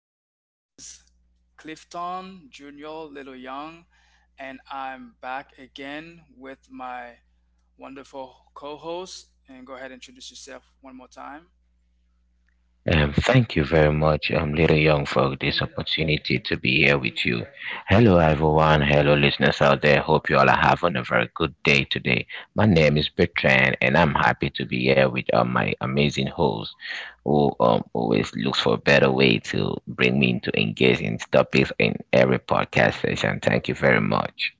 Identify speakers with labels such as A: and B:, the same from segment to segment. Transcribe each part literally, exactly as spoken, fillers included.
A: Hello, this is Clifton Junior Little Young, and I'm back again with my wonderful co host. And go ahead and introduce yourself one more time.
B: Um, thank you very much, um, Little Young, for this opportunity to be here with you. Hello, everyone. Hello, listeners out there. Hope you all are having a very good day today. My name is Bertrand, and I'm happy to be here with um, my amazing host, who um, always looks for a better way to bring me into engaging topics in every podcast session. Thank you very much.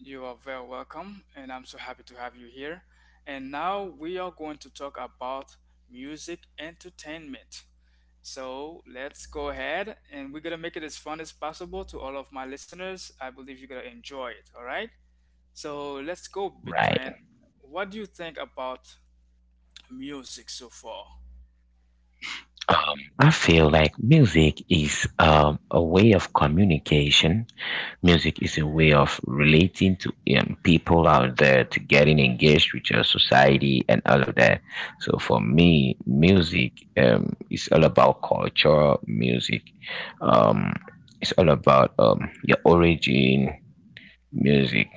A: You are very welcome, and I'm so happy to have you here. And now we are going to talk about music entertainment. So let's go ahead, and we're gonna make it as fun as possible to all of my listeners. I believe you're gonna enjoy it, all right? So let's go,
B: Right.
A: Bitrand. What do you think about music so far?
B: Um, I feel like music is um, a way of communication. Music is a way of relating to um, people out there, to getting engaged with your society and all of that. So for me, music um, is all about culture. Music, um, is all about um, your origin. Music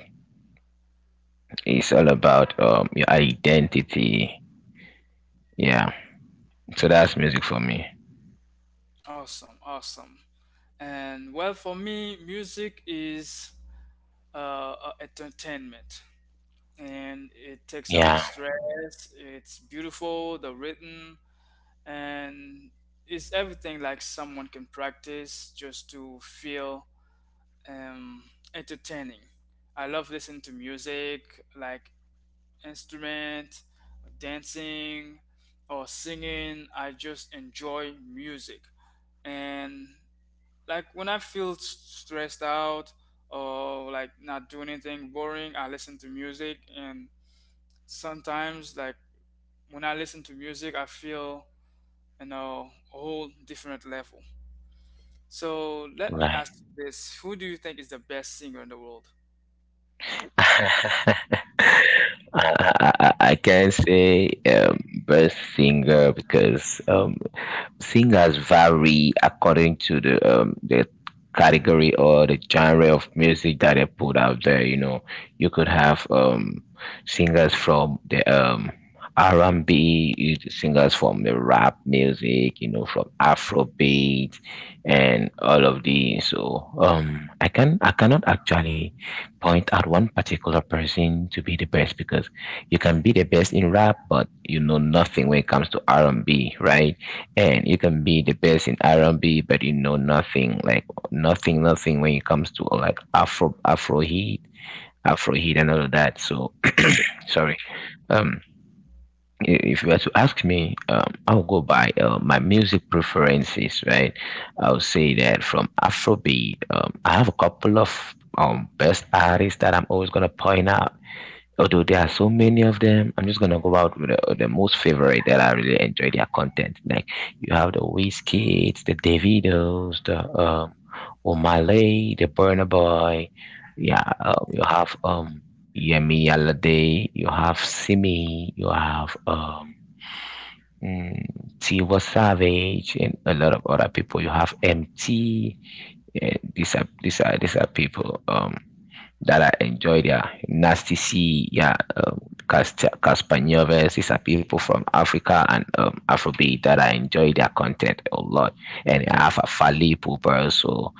B: is all about um, your identity. Yeah. So that's music for me.
A: Awesome, awesome. And well, for me, music is uh, a- entertainment, and it takes out
B: Yeah.
A: stress. It's beautiful, the rhythm, and it's everything like someone can practice just to feel um, entertaining. I love listening to music, like instrument, dancing, or singing. I just enjoy music. And like when I feel s- stressed out or like not doing anything boring, I listen to music. And sometimes, like when I listen to music, I feel you know a whole different level. So let me
B: Right.
A: ask you this: Who do you think is the best singer in the world? Oh,
B: I, I, I I can't say um, best singer, because um, singers vary according to the um, the category or the genre of music that they put out there. You know, you could have um, singers from the um, R and B, you singers from the rap music, you know, from Afrobeat and all of these. So um, I can I cannot actually point at one particular person to be the best, because you can be the best in rap, but you know nothing when it comes to R and B, right? And you can be the best in R and B, but you know nothing, like nothing, nothing when it comes to like Afro, Afro heat, Afro heat, and all of that. So, sorry. Um, i- if you were to ask me, um, I'll go by uh, my music preferences, right? I'll say that from Afrobeat, um, I have a couple of um best artists that I'm always gonna point out, although there are so many of them. I'm just gonna go out with the, the most favorite that I really enjoy their content, like you have the Wizkids, the davidos, the um O'Malley, the burner boy, yeah. Um, you have um yemi alade, you have simi, you have um mm, Tiwa Savage, and a lot of other people. You have M T. Yeah, these are these are these are people. Um, that I enjoy their Nasty C, yeah, um, Casper Nieves. These are people from Africa and um, Afrobeat that I enjoy their content a lot. And I have a Fali Pooper also,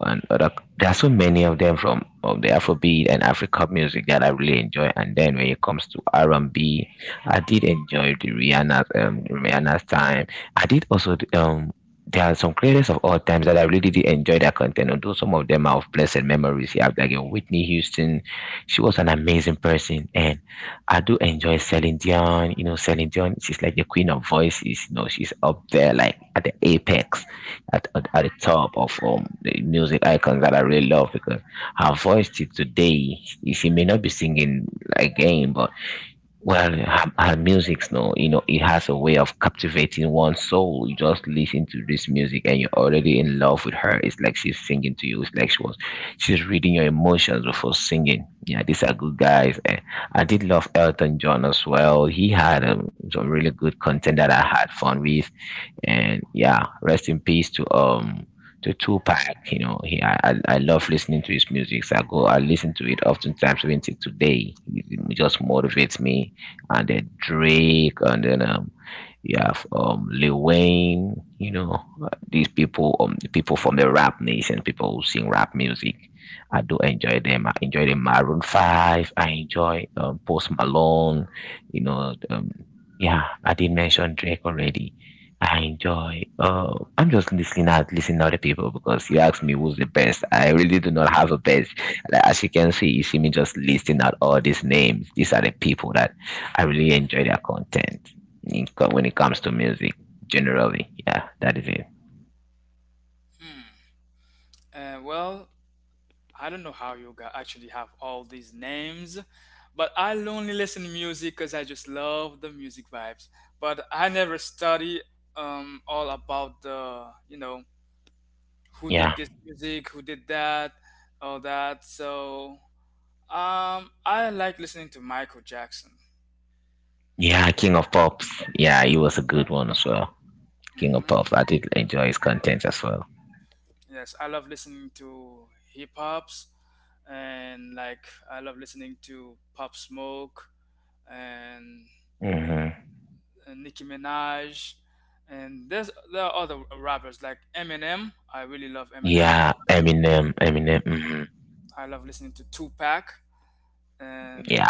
B: and uh, like, there are so many of them from of the Afrobeat and Africa music that I really enjoy. And then when it comes to R and B, I did enjoy the Rihanna's um, Rihanna's time. I did also the, um There are some creators of all times that I really did enjoy their content. Although some of them are of blessed memories, you have like a Whitney Houston. She was an amazing person, and I do enjoy Celine Dion. You know, Celine Dion, she's like the queen of voices. You know, she's up there like at the apex at, at, at the top of um, the music icons that I really love, because her voice till today, she she may not be singing again, but well, her, her music's, no, you know, it has a way of captivating one's soul. You just listen to this music and you're already in love with her. It's like she's singing to you. It's like she was, she's reading your emotions before singing. Yeah, these are good guys. And I did love Elton John as well. He had um, some really good content that I had fun with. And yeah, rest in peace to um to Tupac. You know, he I, I I love listening to his music, so I go I listen to it oftentimes, even till today. it it just motivates me. And then Drake, and then um you have um Lil Wayne, you know, uh, these people, um the people from the rap nation, people who sing rap music. I do enjoy them. I enjoy the Maroon Five. I enjoy um, Post Malone. You know, um, yeah, I did mention Drake already. I enjoy. Uh, I'm just listening out, listening out the people because you asked me who's the best. I really do not have a best. Like, as you can see, you see me just listing out all these names. These are the people that I really enjoy their content in, when it comes to music generally. Yeah, that is it.
A: hmm. Uh, well, I don't know how you got actually have all these names, but I only listen to music because I just love the music vibes. But I never study um all about the you know who
B: Yeah.
A: did this music, who did that, all that. So um I like listening to Michael Jackson.
B: Yeah,
A: Michael.
B: King of Pops. Yeah, he was a good one as well. King of Pops.
A: Hmm.
B: I did enjoy his content as well.
A: Yes, I love listening to hip hops, and like I love listening to Pop Smoke and
B: Hmm.
A: and Nicki Minaj, and there's there are other rappers like Eminem. I really love Eminem.
B: Yeah, Eminem, Eminem. Hmm.
A: I, I love listening to Tupac, and
B: Yeah.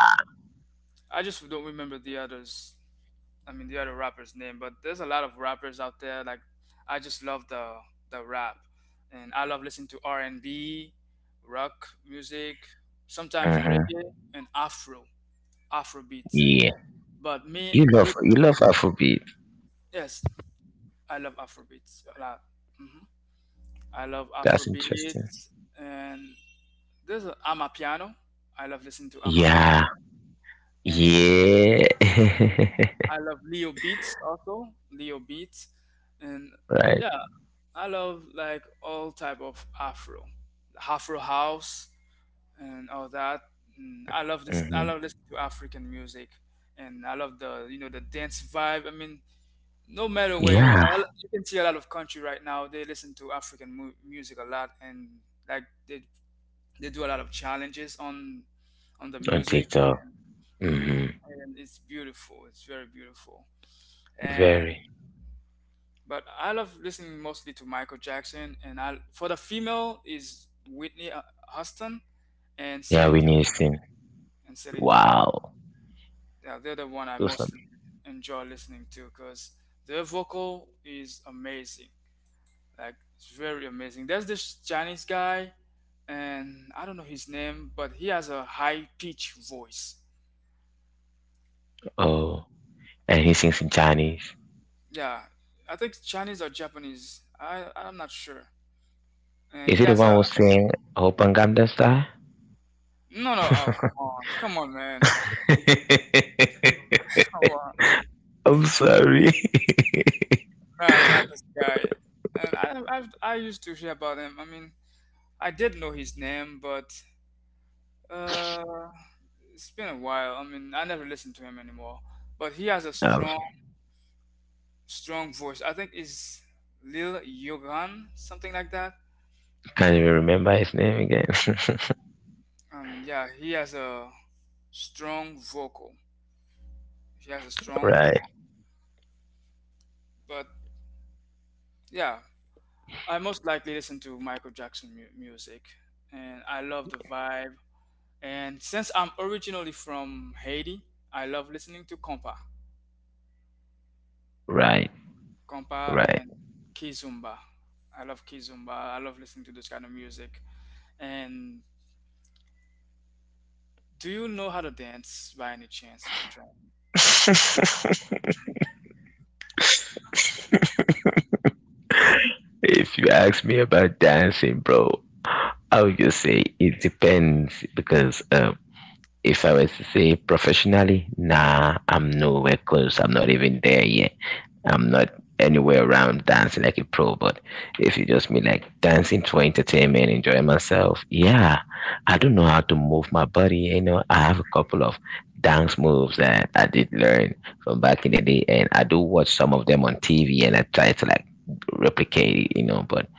A: I just don't remember the others. I mean, the other rappers' name, but there's a lot of rappers out there. Like, I just love the the rap, and I love listening to R and B, rock music, sometimes
B: Hmm.
A: reggae and Afro, Afro beats.
B: Yeah.
A: But me,
B: You love,
A: ori-
B: you love Afrobeat.
A: yes, I love Afro beats a lot. Mm-hmm. I love
B: That's interesting.
A: Afrobeats, and there's a Amapiano. I love listening to
B: Yeah.
A: Amapiano, and
B: Yeah.
A: I love Leo Beats also, Leo Beats. And
B: Right.
A: yeah, I love like all type of Afro, Afro house and all that. And I love this. I
B: Hmm.
A: love listening to African music, and I love the you know the dance vibe. I mean, no matter where you are, I-
B: Yeah.
A: you can see a lot of country right now. They listen to African mu- music a lot, and like they They do a lot of challenges on on the
B: On
A: music,
B: TikTok.
A: hmm,
B: Hmm.
A: and it's beautiful. It's very beautiful. And
B: Very.
A: but I love listening mostly to Michael Jackson, and I for the female is Whitney uh, Houston and
B: Yeah,
A: Celine Dion.
B: Whitney Houston.
A: And Celine Dion,
B: Wow.
A: yeah, they're the one I
B: Those are,
A: mostly enjoy listening to because their vocal is amazing. Like it's very amazing. There's this Chinese guy, and I don't know his name, but he has a high pitch voice.
B: oh, and he sings in Chinese.
A: Yeah, I think Chinese or Japanese. I I'm not sure. And
B: Is
A: he
B: he the
A: has a
B: one who sang Open Gangnam Style?
A: no no. Oh come on, come on, man. Come on.
B: I'm sorry.
A: No, not this guy. And I I've, I used to hear about him. I mean, I did know his name, but uh, it's been a while. I mean, I never listened to him anymore. But he has a
B: I
A: strong strong voice. I think is Lil Yogan, something like that.
B: can't even remember his name again.
A: Um, yeah, he has a strong vocal. He has a strong,
B: Right,
A: vo- but yeah, I most likely listen to Michael Jackson mu- music, and I love the vibe. And since I'm originally from Haiti, I love listening to compa,
B: right,
A: compa
B: right.
A: and kizomba. I love kizomba. I love listening to this kind of music. And do you know how to dance by any chance, Bertrand?
B: If you ask me about dancing, bro, I would just say it depends, because um, if I was to say professionally, nah, I'm nowhere close. I'm not even there yet. I'm not anywhere around dancing like a pro, but if you just mean like dancing for entertainment, enjoying myself, yeah, I don't know how to move my body. You know, I have a couple of dance moves that I did learn from back in the day, and I do watch some of them on T V, and I try to like replicate it. You know, but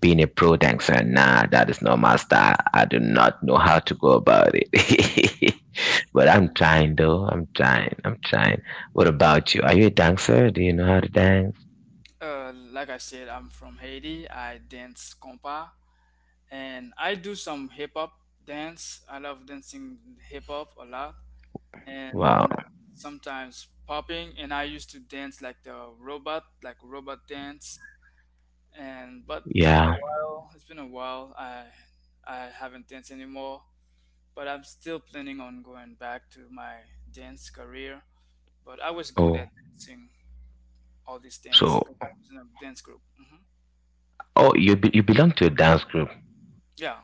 B: being a pro tank fan, nah, that is not my style. I do not know how to go about it. But I'm trying though. I'm trying. I'm trying. What about you? Are you a dancer? Do you know how to dance?
A: Uh, like I said, I'm from Haiti. I dance compa, and I do some hip hop dance. I love dancing hip hop a lot, and
B: Wow.
A: like sometimes popping, and I used to dance like the robot, like robot dance. And but it's been a
B: Yeah.
A: while, it's been a while, i i haven't danced anymore, but I'm still planning on going back to my dance career. But I was good
B: Oh.
A: at dancing all this dance
B: So.
A: because I was in a dance group. Hmm,
B: Oh, you be, you belong to a dance group.
A: yeah.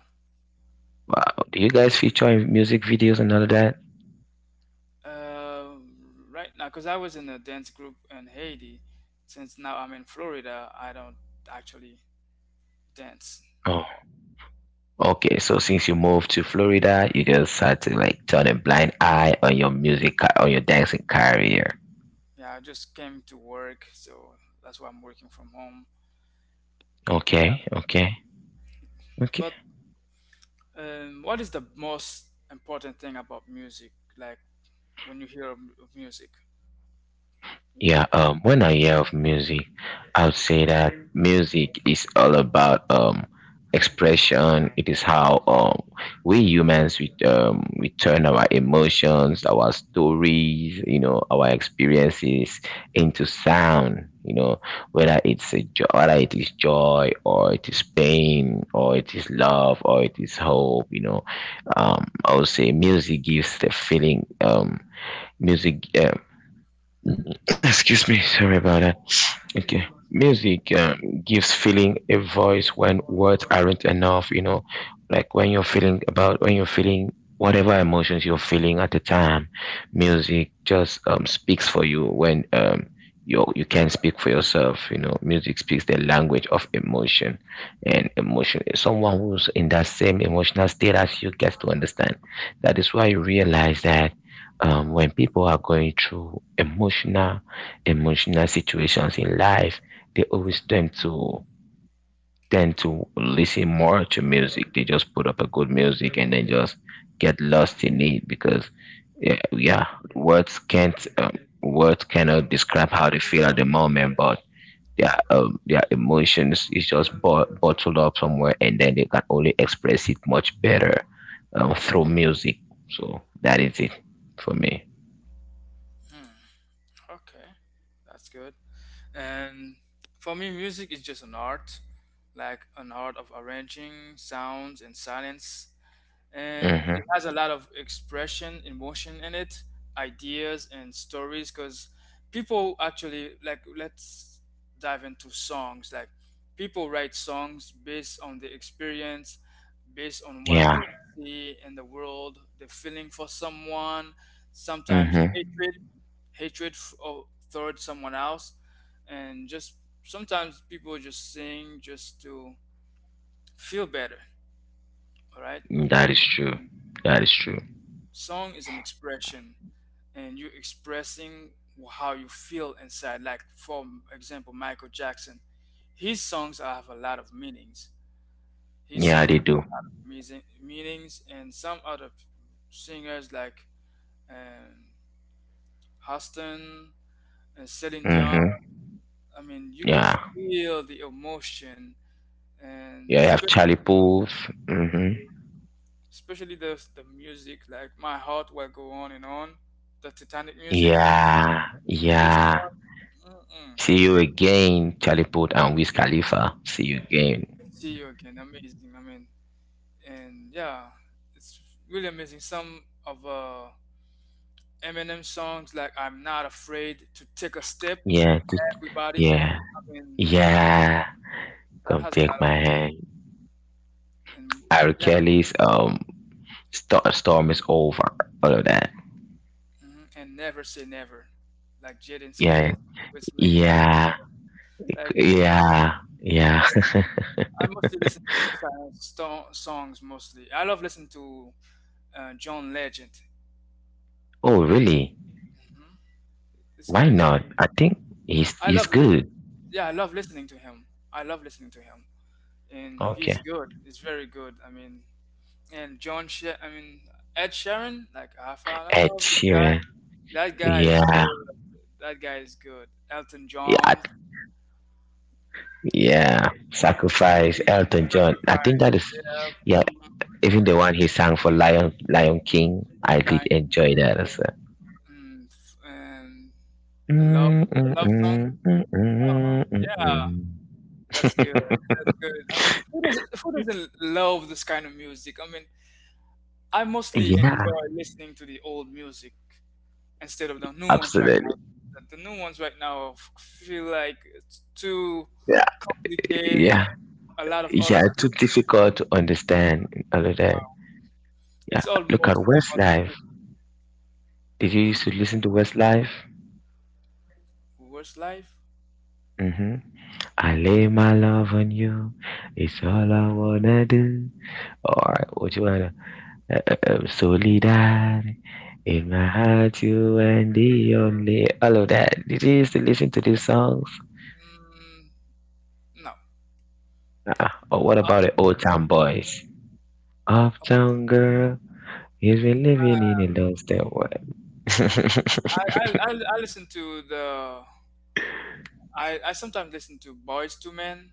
B: Wow. Do you guys feature in music videos and all of that?
A: Uh, right now, because I was in a dance group in Haiti, since now I'm in Florida, I don't actually dance no
B: Oh.
A: more.
B: Okay. So since you moved to Florida, you just had to like turn a blind eye on your music ca- on your dancing career.
A: Yeah, I just came to work, so that's why I'm working from home. Yeah,
B: Okay. Okay. Okay.
A: but um, what is the most important thing about music? Like when you hear of of music?
B: Yeah, um, when I hear of music, I would say that music is all about um expression. It is how um we humans we um we turn our emotions, our stories, you know, our experiences into sound. You know, whether it's a jo- whether it is joy, or it is pain, or it is love, or it is hope. You know, um, I would say music gives the feeling. Um, music. Um, Mm-hmm. Excuse me, sorry about that. Okay. Music uh, gives feeling a voice when words aren't enough, you know, like when you're feeling about when you're feeling whatever emotions you're feeling at the time, music just um, speaks for you when um you you can not speak for yourself, you know. Music speaks the language of emotion and emotion. Someone who's in that same emotional state as you gets to understand. That is why you realize that um, when people are going through emotional emotional situations in life, they always tend to tend to listen more to music. They just put up a good music and then just get lost in it, because yeah, yeah, words can't um, words cannot describe how they feel at the moment, but their um, their emotions is just bo- bottled up somewhere, and then they can only express it much better um, through music. So that is it for me.
A: Hmm, okay, that's good. And for me, music is just an art, like an art of arranging sounds and silence. And it
B: Hmm.
A: has a lot of expression emotion in it, ideas and stories because people actually like let's dive into songs like people write songs based on the experience, based on what
B: Yeah.
A: they see in the world, the feeling for someone, sometimes
B: Mm-hmm.
A: hatred, hatred f- or towards someone else, and just sometimes people just sing just to feel better, all right.
B: That is true. That is true.
A: Song is an expression, and you're expressing how you feel inside. Like, for example, Michael Jackson, his songs have a lot of meanings. His
B: Yeah,
A: songs
B: they do.
A: have meaning- meanings, and some other singers like um, Houston and Celine
B: Mm-hmm.
A: Dion. I mean, you can
B: Yeah.
A: feel the emotion, and
B: Yeah, you have Charlie
A: especially,
B: Puth. Mm-hmm.
A: mm, especially the the music. Like, my heart will go on and on. The Titanic music.
B: Yeah.
A: This
B: Yeah.
A: one, mm-mm.
B: See you again, Charlie Puth and Wiz Khalifa. See you again.
A: See you again. Amazing. I mean, and yeah, it's really amazing. Some of uh, Eminem songs like "I'm Not Afraid to Take a Step."
B: Yeah. t-
A: Everybody.
B: Yeah.
A: I mean,
B: Yeah.
A: that
B: Come
A: has a lot
B: take
A: of
B: my
A: meaning.
B: hand.
A: And
B: R.
A: yeah,
B: Kelly's um Stor- storm is over. All of that.
A: hmm, and "Never Say Never," like Jaden
B: Yeah.
A: Smith, Will Smith. Never.
B: Yeah.
A: Like
B: Yeah. Yeah.
A: I mostly listen to those kind of sto- songs mostly. I love listening to uh, John Legend.
B: Oh, really?
A: Hmm. This
B: Why
A: guy is.
B: not? I think he's
A: I
B: he's
A: love.
B: good.
A: Yeah, I love listening to him. I love listening to him, and
B: Okay.
A: he's good. He's very good. I mean, and John, Sh- I mean Ed Sheeran, like I fell in
B: Ed
A: love with this guy.
B: Sheeran.
A: That guy is
B: Yeah,
A: good. That guy is good. Elton
B: yeah, I-
A: John's
B: yeah. Sacrifice, Elton John. I think
A: Sacrifice,
B: that is,
A: yeah.
B: yeah.
A: Mm,
B: Even the one he sang for Lion Lion King, I did
A: like
B: enjoy that as well.
A: mm, f- and the love,
B: Mm,
A: the
B: mm,
A: love song.
B: mm, mm,
A: Oh,
B: mm, mm,
A: yeah,
B: mm.
A: that's good. That's good. I mean, who doesn't who doesn't love this kind of music? I mean, I mostly
B: Yeah,
A: enjoy listening to the old music, instead of the new ones right now.
B: absolutely.
A: The the new ones right now f- feel like it's too
B: Yeah,
A: complicated.
B: yeah,
A: A lot of
B: yeah.
A: auto
B: Too
A: tune
B: difficult to understand, all of that.
A: now.
B: Yeah,
A: It's all
B: look at
A: mostly about
B: Westlife.
A: music.
B: Did you used to
A: Hmm?
B: listen to Westlife?
A: Worst life?
B: Mm-hmm. I lay my love on you. It's all I wanna do. All right, what you wanna? Uh, uh, uh, solidarity in my heart, you and the only. All of that. Did you used to listen to these songs?
A: Mm, no.
B: uh Or what
A: Uh,
B: about the old town boys? Uptown girl, he's been living in a lost and what?
A: mm, I, I I I listen to the I, I sometimes listen to Boys to Men.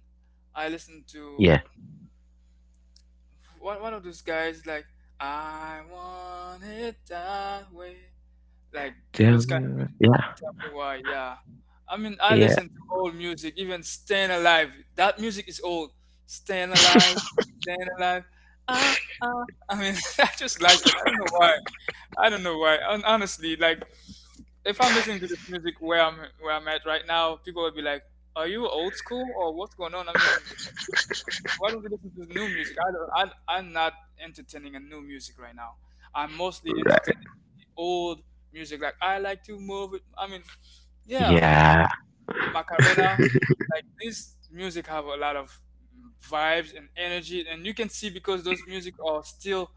A: I listen
B: Yeah.
A: to one one of those guys like I want it that way. Like
B: Tell
A: those
B: me. what- Yeah.
A: Why? Yeah. I mean, I
B: Yeah.
A: listen to old music, even Staying Alive. That music is old. Staying Alive, Staying Alive. Ah, ah. I mean, I just like it. I don't know why. I don't know why. Hon- Honestly, like, if I'm listening to this music where I'm where I'm at right now, people will be like, "Are you old school or what's going on?" I mean, why don't you listen to the new music? I don't, I, I'm not entertaining a new music right now. I'm mostly
B: Right.
A: entertaining old music. Like, I like to move it. I mean, yeah,
B: Yeah.
A: Macarena, like this music have a lot of vibes and energy, and you can see because those music are still,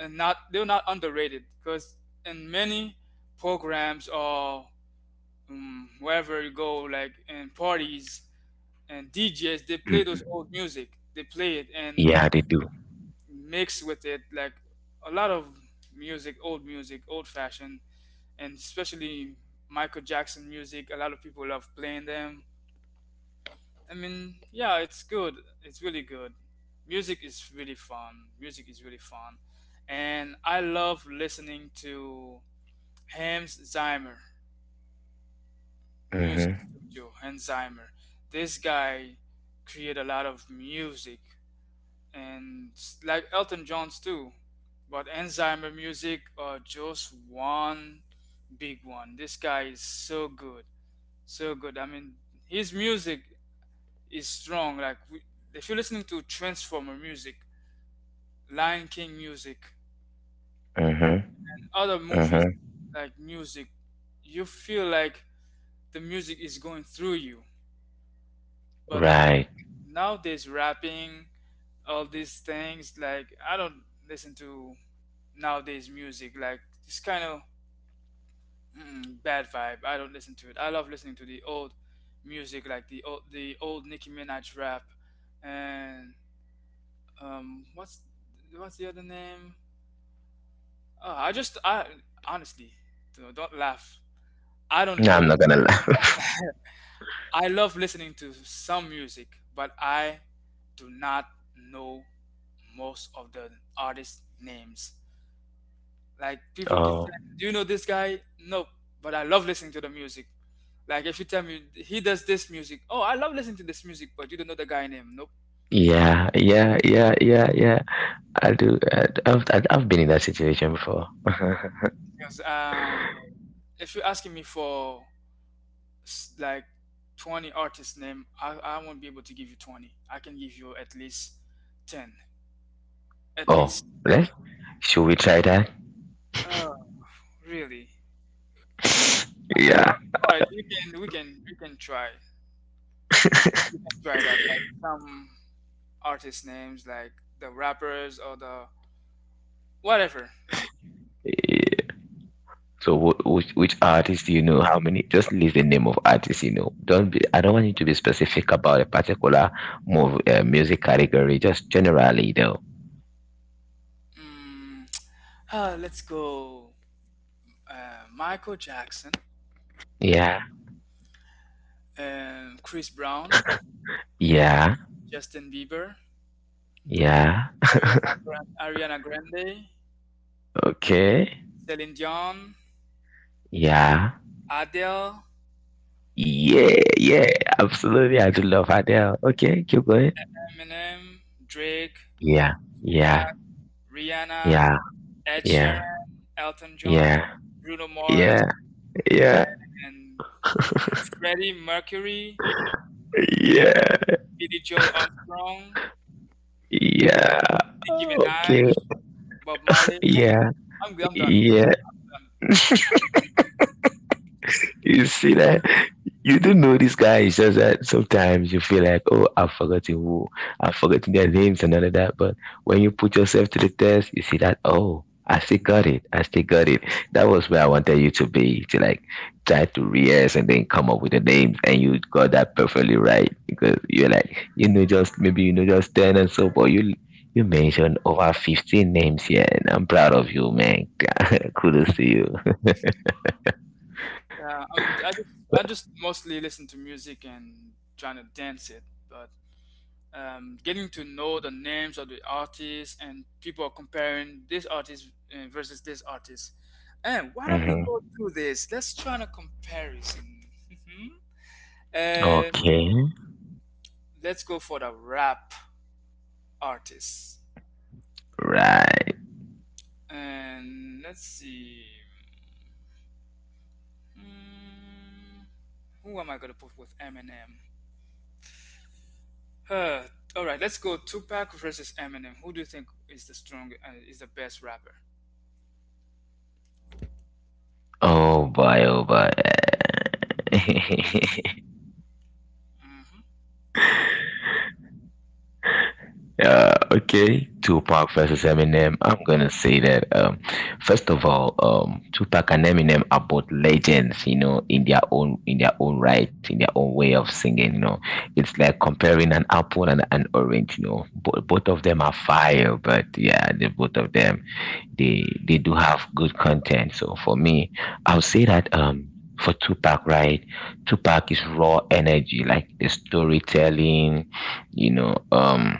A: and not they're not underrated because in many programs or um, wherever you go, like in parties and D Js, they
B: Hmm.
A: play those old music. They play it
B: Yeah,
A: and
B: they do.
A: mix with it like a lot of music, old music, old fashioned, and especially Michael Jackson music. A lot of people love playing them. I mean, yeah, it's good. It's really good. Music is really fun. Music is really fun. And I love listening to Hans Zimmer,
B: Mhm.
A: music studio, Hans Zimmer. This guy create a lot of music, and s- like Elton John's too. But Hans Zimmer music are just one big one. This guy is so good. So good. I mean, his music is strong. Like we, if you're listening to Transformer music, Lion King music,
B: Mhm.
A: other
B: Mhm.
A: movies like music, you feel like the music is going through you. But
B: Right.
A: nowadays, rapping, all these things, like I don't listen to nowadays music. Like it's kind of mm, bad vibe. I don't listen to it. I love listening to the old music, like the old the old Nicki Minaj rap, and um, what's what's the other name? Uh, I just, I honestly, you know, don't laugh. I don't
B: No, I'm not
A: know.
B: gonna laugh.
A: I love listening to some music, but I do not know most of the artist names. Like people keep
B: Oh.
A: saying, "Do you know this guy?" No, but I love listening to the music. Like if you tell me he does this music, oh, I love listening to this music, but you don't know the guy name. Nope.
B: Yeah, yeah, yeah, yeah, yeah, I do. I, I've I, I've been in that situation before.
A: Because um, if you're asking me for s- like twenty artists' name, I, I won't be able to give you twenty. I can give you at least ten at
B: Oh,
A: least.
B: let's. Should we try that?
A: Oh, really? I
B: Yeah.
A: thought, all right, we can we can we can try try that, like some artist names like the rappers or the whatever.
B: Eh, So, wh- which which artist do you know? How many? Just list the name of artists you know. Don't be. I don't want you to be specific about a particular move, uh, music category. Just generally, though.
A: mm, uh, let's go. uh, Michael Jackson,
B: Yeah.
A: um, Chris Brown,
B: Yeah.
A: Justin Bieber,
B: Yeah.
A: ariana, Gran- Ariana Grande,
B: Okay.
A: Celine Dion,
B: Yeah.
A: Adele,
B: Yeah. Yeah. Absolutely. I do love Adele. Okay. Keep going.
A: Eminem, Drake,
B: Yeah.
A: Tupac,
B: Yeah.
A: Rihanna,
B: Yeah.
A: Ed
B: Yeah.
A: Sheeran, Elton John,
B: Yeah.
A: Bruno Mars,
B: Yeah. Yeah.
A: and Freddie Mercury,
B: Yeah,
A: Billy Joe Armstrong,
B: yeah,
A: Nicki
B: okay,
A: Minaj, Bob Marley. Okay,
B: yeah,
A: I'm I'm done.
B: yeah.
A: I'm done.
B: You see that? You don't know this guy. It's just that sometimes you feel like, oh, I've forgotten who, I've forgotten their names and all of that. But when you put yourself to the test, you see that, oh, I still got it. I still got it. That was where I wanted you to be, to like try to rehearse and then come up with the names, and you got that perfectly right because you're like, you know, just maybe you know just ten and so, but you you mentioned over fifteen names here, and I'm proud of you, man. Kudos to you.
A: Yeah, I mean, I just I just mostly listen to music and trying to dance it, but um, getting to know the names of the artists and people are comparing this artist uh, versus this artist. And why don't we
B: hmm
A: go through this? Let's try a comparison. Mhm.
B: Okay,
A: And let's go for the rap artists.
B: right.
A: And let's see. Hmm, who am I going to put with Eminem? Uh, all right, let's go Tupac versus Eminem. Who do you think is the strong, uh, is the best rapper?
B: Oh boy, oh boy.
A: Mm-hmm.
B: Uh, okay, Tupac versus Eminem. I'm gonna say that um, first of all, um, Tupac and Eminem are both legends, you know, in their own in their own right, in their own way of singing. You know, it's like comparing an apple and an orange. You know, Bo- both of them are fire, but yeah, the both of them they they do have good content. So for me, I would say that um for Tupac, right? Tupac is raw energy, like the storytelling, you know, um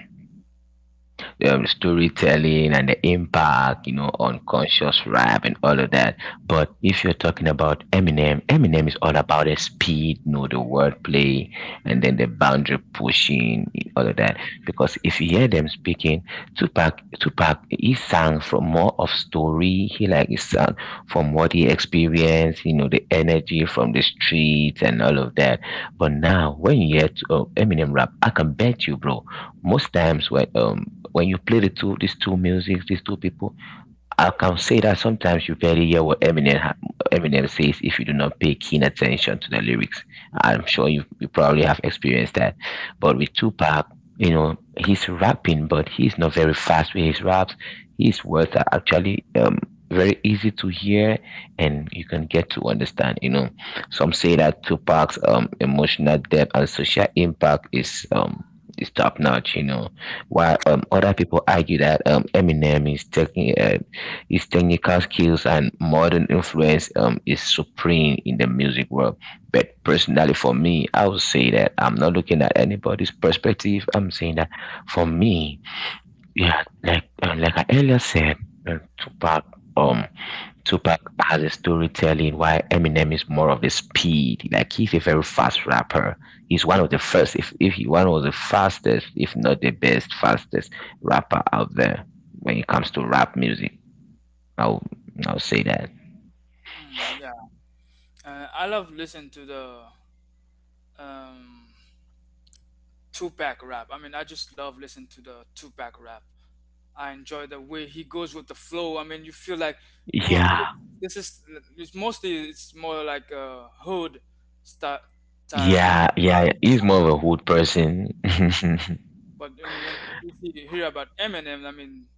B: um, storytelling and the impact, you know, on conscious rap and all of that. But if you're talking about Eminem, Eminem is all about the speed, you know, the wordplay, and then the boundary pushing, and all of that. Because if you hear them speaking, Tupac, Tupac, he sang from more of story. He like he sang from what he experienced, you know, the energy from the streets and all of that. But now, when you hear to, uh, Eminem rap, I can bet you, bro, most times when um when you play the two these two music these two people, I can say that sometimes you very hear what Eminem ha- Eminem says if you do not pay keen attention to the lyrics. I'm sure you, you probably have experienced that. But with Tupac, you know, he's rapping, but he's not very fast with his raps. His words are actually um, very easy to hear, and you can get to understand. You know, some say that Tupac's um, emotional depth and social impact is um, is top notch. You know, while um, other people argue that um, Eminem is taking uh, his technical skills and modern influence um, is supreme in the music world. But personally, for me, I would say that I'm not looking at anybody's perspective. I'm saying that for me, yeah, like uh, like I earlier said, uh, Tupac, um, Tupac has a storytelling, while Eminem is more of the speed. Like he's a very fast rapper. He's one of the first, if if he one of the fastest, if not the best, fastest rapper out there when it comes to rap music. I'll I'll say that.
A: Hmm. Mm, yeah. Uh, I love listening to the um, Tupac rap. I mean, I just love listening to the Tupac rap. I enjoy the way he goes with the flow. I mean, you feel like, oh, this
B: Yeah,
A: is this is it's mostly, it's more like a hood style, style, I
B: yeah,
A: mean,
B: yeah.
A: style.
B: He's more of a hood person.
A: But then when you see- you hear about Eminem, I mean,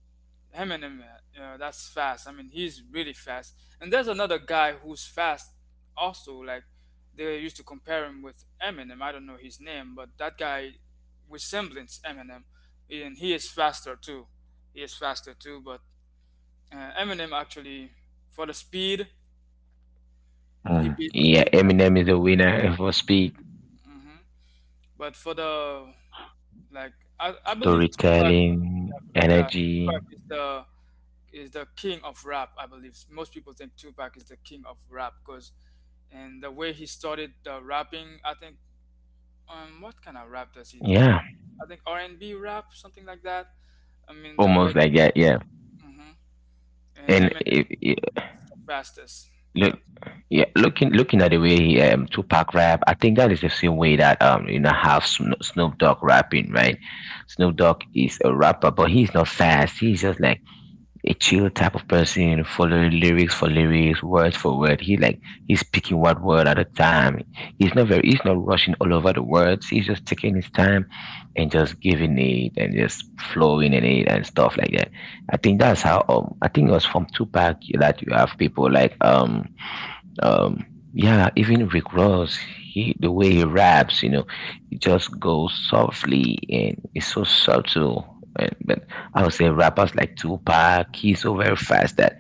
A: Eminem, uh, that's fast. I mean, he's really fast. And there's another guy who's fast also. Like they used to compare him with Eminem. I don't know his name, but that guy resembles Eminem, and he is faster too. He is faster too. But uh, Eminem actually, for the speed, he
B: Mm.
A: beats
B: Yeah,
A: Tupac.
B: Eminem is a winner for speed,
A: Hmm. But for the like, I, I believe Tupac.
B: storytelling,
A: Yeah, for the, yeah,
B: energy.
A: Tupac is the is the king of rap, I believe. Most people think Tupac is the king of rap because, and the way he started the rapping, I think. Um, what kind of rap does he do?
B: Yeah,
A: I think R and B rap, something like that. I mean the way.
B: almost like that. Yeah,
A: Hmm. And
B: and
A: Eminem
B: if, if-
A: is the fastest.
B: look,
A: Yep.
B: yeah, looking looking at the way he um Tupac rap, I think that is the same way that um you know how Sno- Snoop Dogg rapping, right? Snoop Dogg
A: Hmm.
B: is a rapper, but he's not fast. He's just like a chill type of person, following lyrics for lyrics, words for word. He like he's picking one word at a time. He's not very he's not rushing all over the words. He's just taking his time and just giving it and just flowing in it and stuff like that. I think that's how um I think it was from Tupac that you have people like um um, yeah, even Rick Ross, he the way he raps, you know, he just goes softly, and it's so subtle. And but I would say rappers like Tupac, he's so very fast that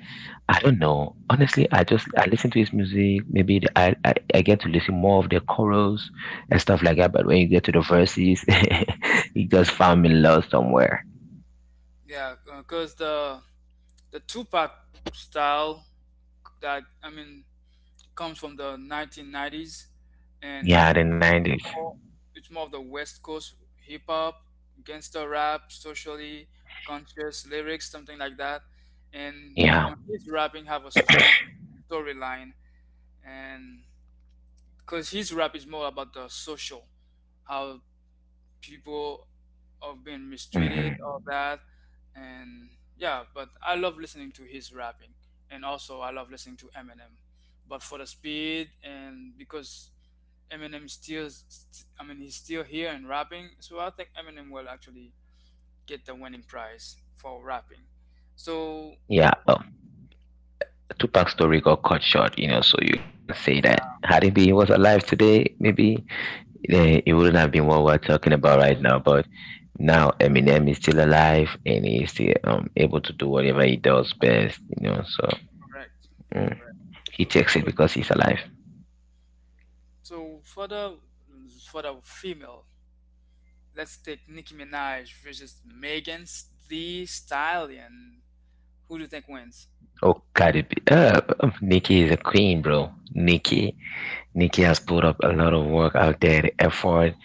B: I don't know. Honestly, I just I listen to his music. Maybe the, I, I I get to listen more of the chorals and stuff like that. But when you get to the verses, he just found me lost somewhere.
A: Yeah, because the the Tupac style that I mean comes from the nineteen nineties, and like
B: Yeah, the nineties.
A: more, it's more of the West Coast hip hop, gangster rap, socially conscious lyrics, something like that. And
B: Yeah.
A: on his rapping have a strong storyline, and because his rap is more about the social, how people have been mistreated,
B: hmm
A: all that, and yeah. But I love listening to his rapping, and also I love listening to Eminem. But for the speed, and because Eminem still, st- I mean, he's still here and rapping. So I think Eminem will actually get the winning prize for rapping. So
B: Yeah. Tupac's story got cut short, you know, so you only can say that
A: yeah,
B: had he been was alive today, maybe eh, it wouldn't have been what we're talking about right now. But now Eminem is still alive, and he's still um, able to do whatever he does best, you know. So
A: correct,
B: mm,
A: correct.
B: he takes it
A: So
B: because he's alive.
A: so for the for the female, let's take Nicki Minaj versus Megan the Stallion. Who do you think wins?
B: Oh, Cardi B. Uh, Nikki is a queen, bro. Nikki Nikki has put up a lot of work out there, the effort,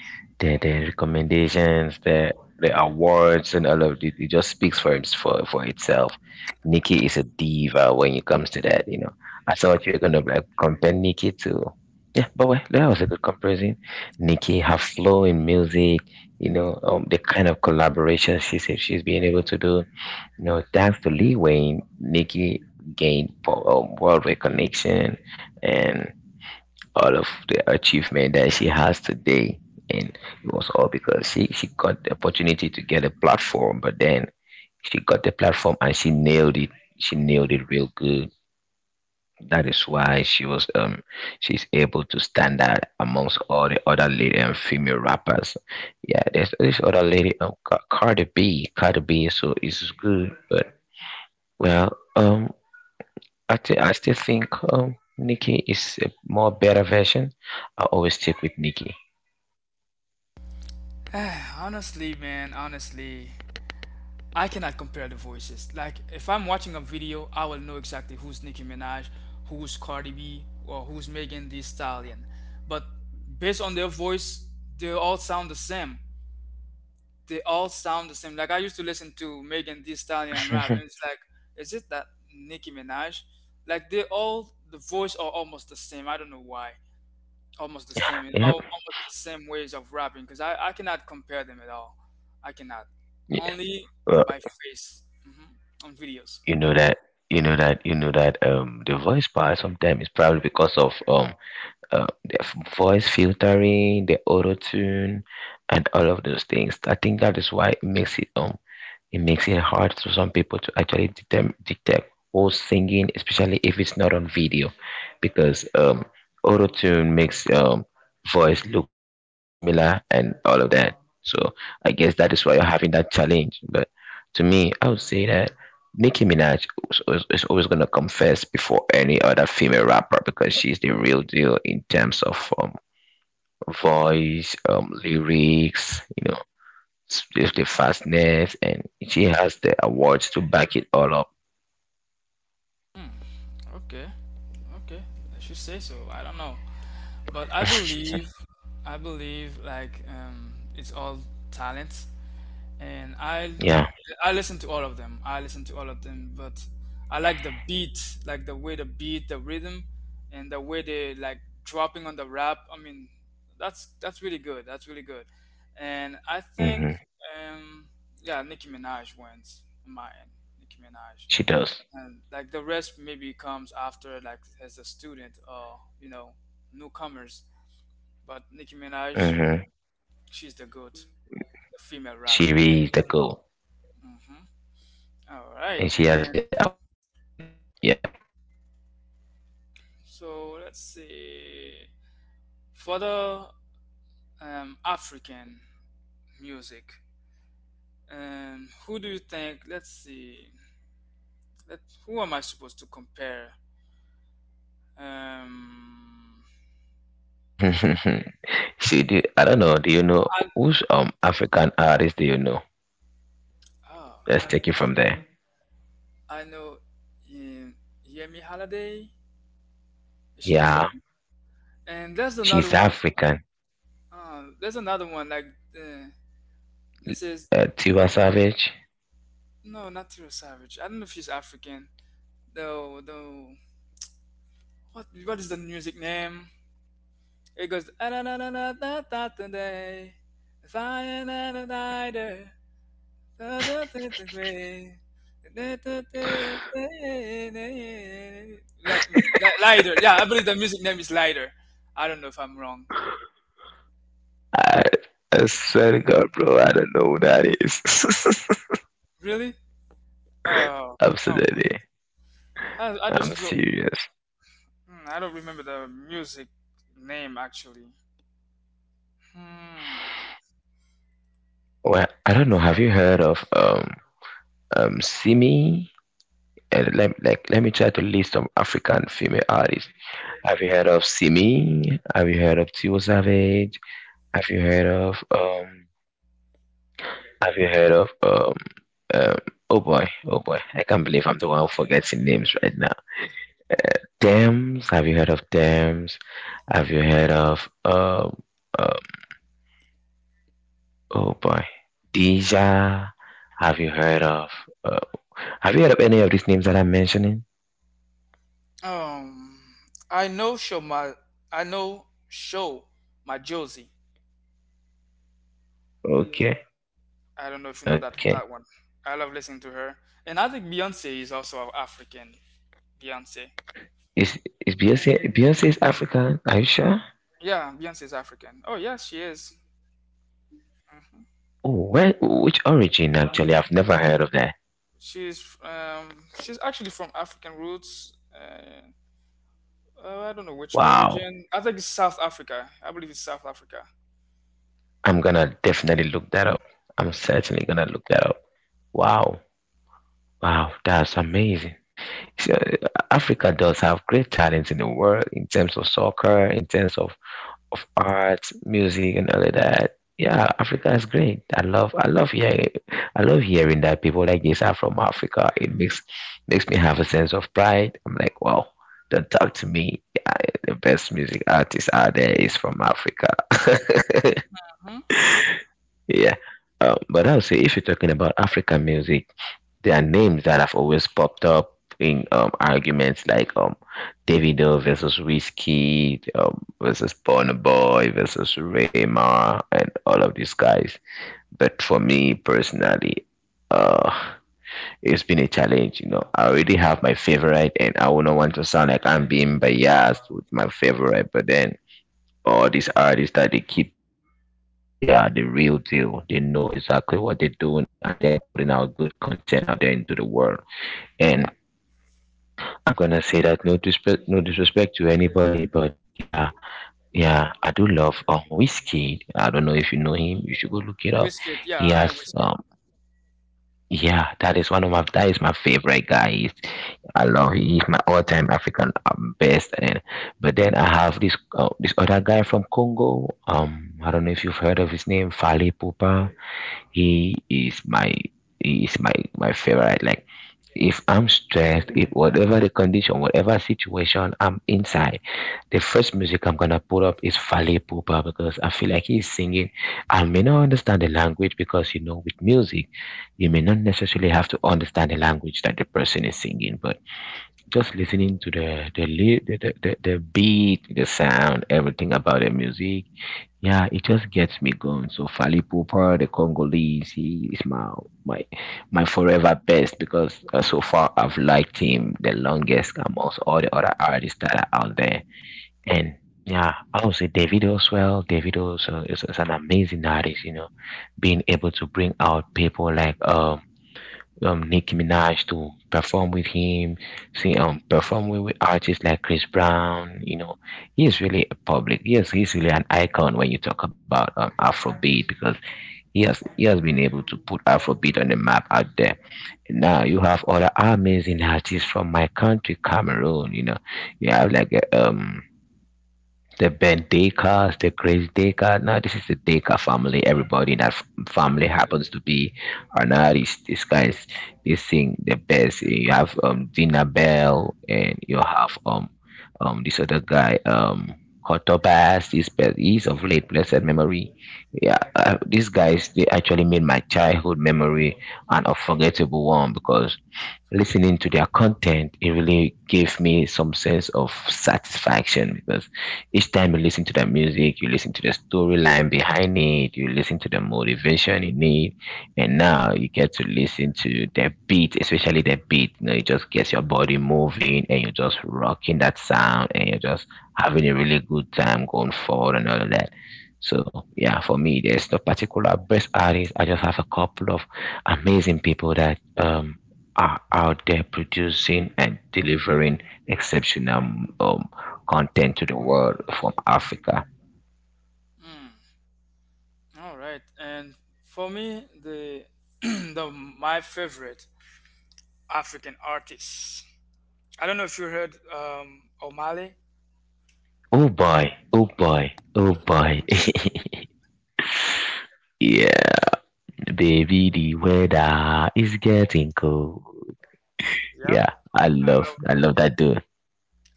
B: the, the recommendations, the the awards and all of it. It just speaks for its for, for itself. Nikki is a diva when it comes to that, you know. I thought you were gonna like compare Nikki to yeah, but well, that was a good comparison. Nikki, her flow in music, you know, um, the kind of collaboration she's she's being able to do. You know, thanks to Lee Wayne, Nikki gained po- um, world recognition, and all of the achievement that she has today, and it was all because she she got the opportunity to get a platform, but then she got the platform and she nailed it. She nailed it real good. That is why she was um she's able to stand out amongst all the other lady and female rappers. Yeah, there's this other lady, um Ca- cardi b cardi b, so it's good. But well, um i, thi- I still think um Nicki is a more better version. I always stick with Nicki.
A: Honestly, man, honestly, I cannot compare the voices. Like if I'm watching a video, I will know exactly who's Nicki Minaj, who's Cardi B, or who's Megan Thee Stallion. But based on their voice, they all sound the same. They all sound the same. Like I used to listen to Megan Thee Stallion rap, and it's like, is it that Nicki Minaj? Like they all, the voice are almost the same. I don't know why, almost the same in
B: Yeah,
A: all, almost the same ways of rapping because I, I cannot compare them at all. I cannot.
B: yeah.
A: Only
B: Well,
A: by face. Hmm. On videos.
B: you know that you know that you know that um the voice part sometimes is probably because of um uh, the f- voice filtering, the auto tune, and all of those things. I think that is why it makes it um it makes it hard for some people to actually detect, detect who's singing, especially if it's not on video, because um, auto tune makes um, voice looks very similar and all of that. So I guess that is why you're having that challenge. But to me, I would say that Nicki Minaj is, is is always gonna come first before any other female rapper because she's the real deal in terms of um, voice, um, lyrics, you know, with the fastness, and she has the awards to back it all up.
A: Hmm, okay, okay. I should say so. I don't know, but I believe I believe like um, it's all talent. and I
B: Yeah,
A: I listen to all of them. I listen to all of them, but I like the beat, like the way the beat, the rhythm, and the way they like dropping on the rap. I mean, that's that's really good. That's really good, and I think
B: hmm
A: um yeah, Nicki Minaj wins on my end. Nicki Minaj,
B: she does.
A: and like the rest maybe comes after, like as a student or you know newcomers. But Nicki Minaj,
B: Hmm
A: she's the goat, the female
B: She
A: rapping.
B: really is the girl,
A: Hmm. All right,
B: and she has
A: and
B: the award to back it up. Yeah.
A: so let's see. For the um, African music, um, who do you think? Let's see. Let, who am I supposed to compare? Um,
B: See, do, I don't know. Do you know
A: I,
B: whose um African artist do you know?
A: oh,
B: Let's take it from there.
A: I know um, Yemi Holiday. Is she
B: Yeah,
A: African? And there's another
B: she's
A: one.
B: African.
A: Uh, there's another one like uh, this is,
B: Uh, Tiwa Savage.
A: no, not Tiro Savage. I don't know if she's African. Though, though, what what is the music name? It goes "Ah, na na na na na na today. If I am not a rider, da da da da way. Da, da, da, da, da." Like, like lighter, yeah. I believe the music name is lighter. I don't know if I'm wrong.
B: I, I swear to God, bro, I don't know who that is.
A: Really? Oh, come on.
B: Absolutely,
A: I, I just
B: I'm
A: feel.
B: serious.
A: Hmm, I don't remember the music name actually. Hmm.
B: Well, I don't know. Have you heard of um um Simi? Uh, let, like let me try to list some African female artists. Have you heard of Simi? Have you heard of Tio Savage? Have you heard of um? Have you heard of um um? Oh boy, oh boy! I can't believe I'm the one who forgets the names right now. Thames. Have you heard of Thames? Have you heard of um? um oh boy, Deja. Have you heard of? Uh, have you heard of any of these names that I'm mentioning?
A: Um, I know show my I know Show My Josie.
B: Okay,
A: I don't know if you know that
B: okay.
A: that one. I love listening to her, and I think Beyonce is also African. Beyonce,
B: Is is Beyonce Beyonce is African? Are you sure?
A: yeah, Beyonce is African. Oh yeah, she is. Hmm.
B: Oh, where which origin actually? I've never heard of that.
A: She's um, she's actually from African roots. Uh, uh, I don't know which
B: Wow.
A: origin. I think it's South Africa. I believe it's South Africa.
B: I'm gonna definitely look that up. I'm certainly gonna look that up. Wow. Wow, that's amazing. So, Africa does have great talents in the world in terms of soccer, in terms of of arts, music, and all of that. Yeah, Africa is great. I love, I love hearing, I love hearing that people like this are from Africa. It makes makes me have a sense of pride. I'm like, wow, don't talk to me. Yeah, the best music artist out there is from Africa.
A: Mm-hmm.
B: Yeah, um, but I would say if you're talking about African music, there are names that have always popped up in um, arguments like um, Davido versus Whiskey um, versus Burna Boy versus Rema and all of these guys. But for me personally, uh, it's been a challenge. You know, I already have my favorite, and I wouldn't want to sound like I'm being biased with my favorite. But then all these artists that they keep mentioning, they are the real deal. They know exactly what they're doing, and they are putting out good content out there into the world. And I'm gonna say that no disrespect, no disrespect to anybody, but yeah, yeah, I do love um whiskey. I don't know if you know him. You should go look it up.
A: Whiskey, yeah,
B: He
A: I am
B: has
A: whiskey.
B: um yeah, that is one of my that is my favorite guy. He's, I love He's my all time African um, best. And but then I have this uh, this other guy from Congo. Um, I don't know if you've heard of his name, Fally Pupa. He is my he is my my favorite. Like if I'm stressed, if whatever the condition, whatever situation I'm inside, the first music I'm gonna put up is Fale Pupa because I feel like he's singing. I may not understand the language because you know with music, you may not necessarily have to understand the language that the person is singing, but just listening to the the ly- the the, the, the beat, the sound, everything about the music yeah, it just gets me going. So Fally Ipupa, the Congolese, he is my my my forever best because uh, so far I've liked him the longest amongst all the other artists that are out there. And yeah, I would say Davido as well. Davido also is, is an amazing artist. You know, being able to bring out people like um um, Nicki Minaj to perform with him, see, um, perform with, with artists like Chris Brown. You know, he is really a public. Yes, he's really an icon when you talk about um, Afrobeat because he has he has been able to put Afrobeat on the map out there. Now you have other amazing artists from my country, Cameroon. You know, you have like uh, um the Ben Deka, the Grace Deka. Now this is the Deka family. Everybody in that f- family happens to be an artist. These guys, they sing the best. You have um Dina Bell, and you have um um this other guy um Kotobas. He's be- he's of late blessed memory. Yeah, uh, these guys they actually made my childhood memory an unforgettable one because listening to their content, it really gave me some sense of satisfaction because each time you listen to that music, you listen to the storyline behind it, you listen to the motivation in it, and now you get to listen to the beat, especially the beat. You know, it just gets your body moving and you're just rocking that sound and you're just having a really good time going forward and all of that. So yeah, for me, there's no particular best artist. I just have a couple of amazing people that um are out there producing and delivering exceptional um, content to the world from Africa.
A: Mm, all right, and for me, the the my favorite African artist. I don't know if you heard um, O'Malley.
B: Oh boy, oh boy, oh boy. yeah, baby, the weather is getting cold.
A: Mhm.
B: Yeah, I
A: I
B: love,
A: love
B: I love that dude.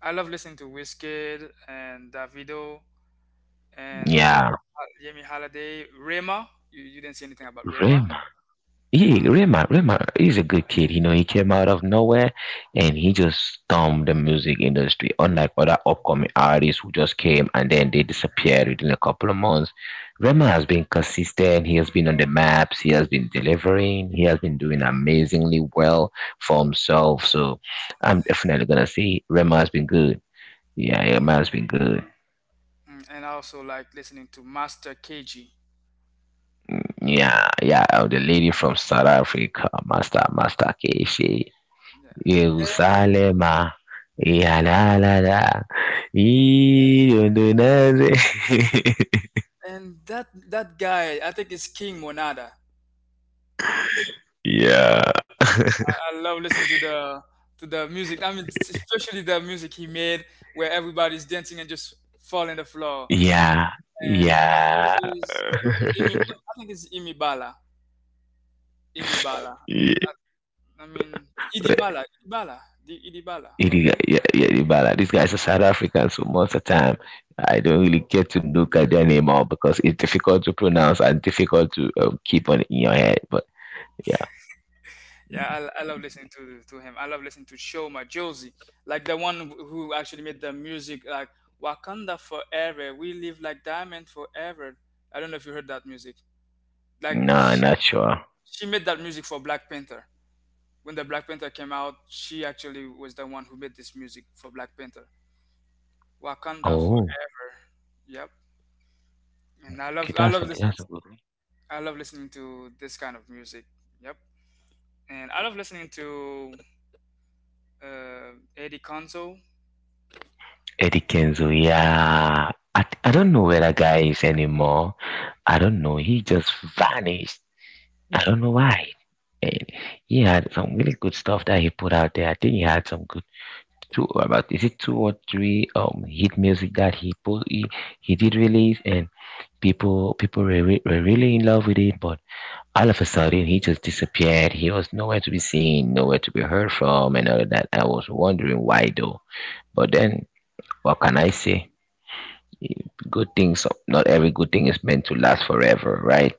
A: I love listening to Wizkid and Davido and
B: Yeah,
A: Yemi Yemi Holiday, Rema. You, you didn't say anything about
B: Ray
A: Rema. Uh,
B: yeah, Rema, Rema is a good kid. You know, he came out of nowhere and he just stormed the music industry. Unlike other upcoming artists who just came and then they disappeared within a couple of months, Rema has been consistent. He has been on the maps. He has been delivering. He has been doing amazingly well for himself. So I'm definitely gonna say Rema has been good. Yeah,
A: mm,
B: Rema has been good.
A: mm. And I also like listening to Master K G.
B: Yeah, yeah. The lady from South Africa, Master Master K.
A: Yeah. And
B: Yerusalema, iyalala, idondonaze.
A: and that that guy, I think it's King Monada.
B: Yeah.
A: I love listening to the to the music. I mean, especially the music he made where everybody's dancing and just falling the floor.
B: Yeah.
A: And I believe
B: Yeah.
A: it's Imi,
B: Yeah.
A: I think it's Imi Bala. Imi Bala.
B: Yeah,
A: I mean, Idibala, Idibala, the Idibala.
B: yeah, yeah, the these guys are South African, so most of the time I don't really get to look at their name out because it's difficult to pronounce and difficult to um, keep on in your head. But yeah,
A: Yeah, I, l- I love listening to to him. I love listening to Shoma Josie, like the one wh- who actually made the music, like Wakanda Forever, We Live Like Diamond Forever. I don't know if you heard that music. Like
B: no,
A: she,
B: not sure.
A: she made that music for Black Panther. When the Black Panther came out, she actually was the one who made this music for Black Panther. Wakanda
B: Oh,
A: Forever. Yep. And I
B: okay,
A: love I
B: that's,
A: love listening
B: that's a good.
A: I love listening to this kind of music. Yep. And I love listening to uh, Eddie Conzo.
B: Eddie Kenzo, yeah. I, I don't know where that guy is anymore. I don't know. He just vanished. I don't know why. He had some really good stuff that he put out there. I think he had some good two about is it two or three um hit music that he put he, he did release and people people were, re- were really in love with it, but all of a sudden he just disappeared. He was nowhere to be seen, nowhere to be heard from, and all of that. I was wondering why though, but then what can I say? Good things, not every good thing is meant to last forever, right?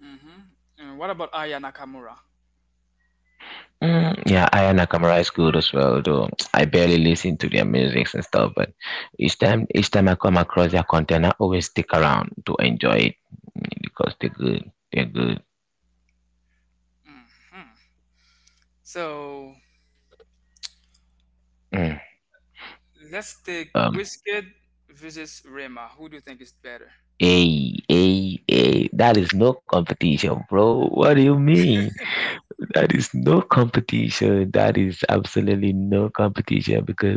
A: Hmm. And what about Aya Nakamura?
B: Mm, yeah, Aya Nakamura is good as well, though I barely listen to their music and stuff. But each time, each time I come across their content, I always stick around to enjoy it, mm, because they're good. They're good.
A: Hmm. So
B: Mm.
A: let's take
B: Um,
A: Wizkid versus Rema. Who do you think is better?
B: a a a. That is no competition, bro. What do you mean? That is no competition. That is absolutely no competition because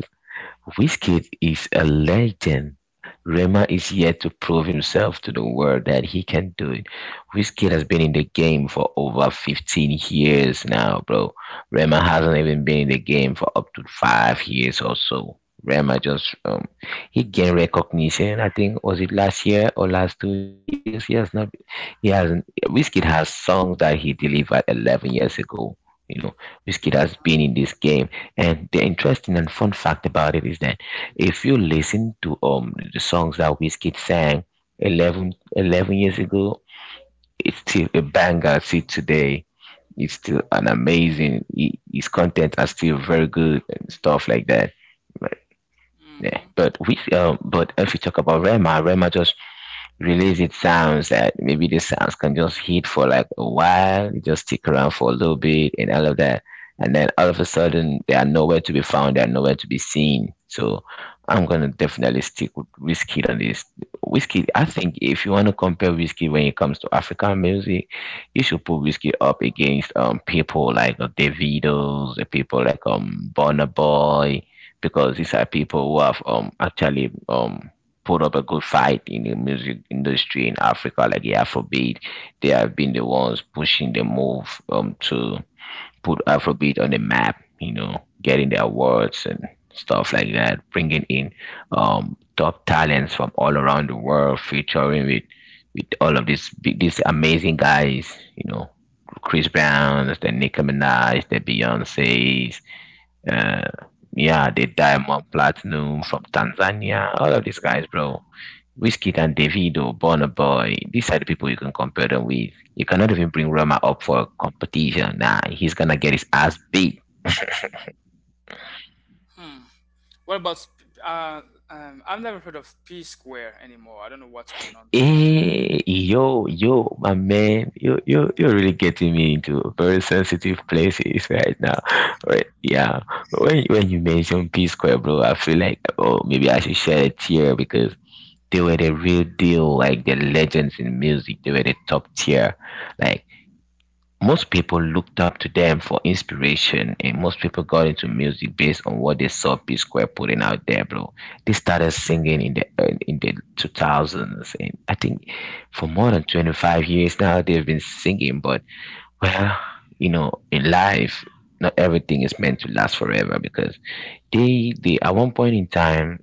B: Wizkid is a legend. Rema is yet to prove himself to the world that he can do it. Wizkid has been in the game for over fifteen years now, bro. Rema hasn't even been in the game for up to five years or so. Rema just um he gained recognition. I think, was it last year or last two years? He has not. He hasn't. Wizkid has songs that he delivered eleven years ago. You know, Wizkid has been in this game, and the interesting and fun fact about it is that if you listen to um the songs that Wizkid sang eleven eleven years ago, it's still a banger till today. It's still an amazing. hi- His content are still very good and stuff like that. But yeah,
A: Hmm.
B: but we um but if we talk about Rema, Rema just release its sounds that maybe the sounds can just hit for like a while, just stick around for a little bit and all of that. And then all of a sudden, they are nowhere to be found, they are nowhere to be seen. So I'm gonna definitely stick with Whiskey on this. Whiskey, I think if you wanna compare Whiskey when it comes to African music, you should put Whiskey up against um people like uh, Davido's, uh, people like um Burna Boy, because these are people who have um actually um put up a good fight in the music industry in Africa, like the Afrobeat. They have been the ones pushing the move um to put Afrobeat on the map. You know, getting the awards and stuff like that, bringing in um top talents from all around the world, featuring with with all of these big, these amazing guys. You know, Chris Browns, the Nicki Minaj, the Beyonces, uh, yeah, the Diamond Platinum from Tanzania, all of these guys, bro. Wizkid and Davido, Burna Boy, these are the people you can compare them with. You cannot even bring Rama up for competition. Nah, he's gonna get his ass beat.
A: Hmm. What about Sp- uh, um, I've never heard of P Square anymore. I don't know what's going on with him.
B: Hey, yo, yo, my man, you, you, you're really getting me into very sensitive places right now. Right, yeah, when, when you mention P Square, bro, I feel like, oh, maybe I should share a tear because they were the real deal, like the legends in music. They were the top tier. Like, most people looked up to them for inspiration, and most people got into music based on what they saw P Square putting out there, bro. They started singing in the uh, in the two thousands, and I think for more than twenty-five years now they've been singing. But well, you know, in life, not everything is meant to last forever because they they at one point in time,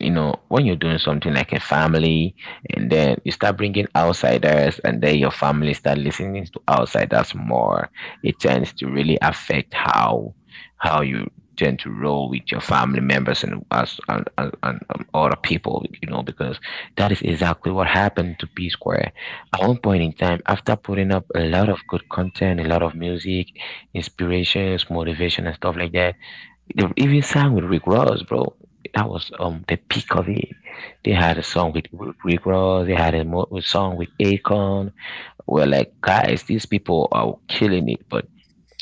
B: you know, when you're doing something like a family and then you start bringing outsiders and then your family start listening to outsiders more, it tends to really affect how how you tend to roll with your family members and us and, and, and um, other people, you know, because that is exactly what happened to P Square. At one point in time, after putting up a lot of good content, a lot of music, inspirations, motivation and stuff like that, the even sang with Rick Ross, bro. That was um the peak of it. They had a song with R- Rick Ross. They had a, mo- a song with Akon. We're like, guys, these people are killing it. But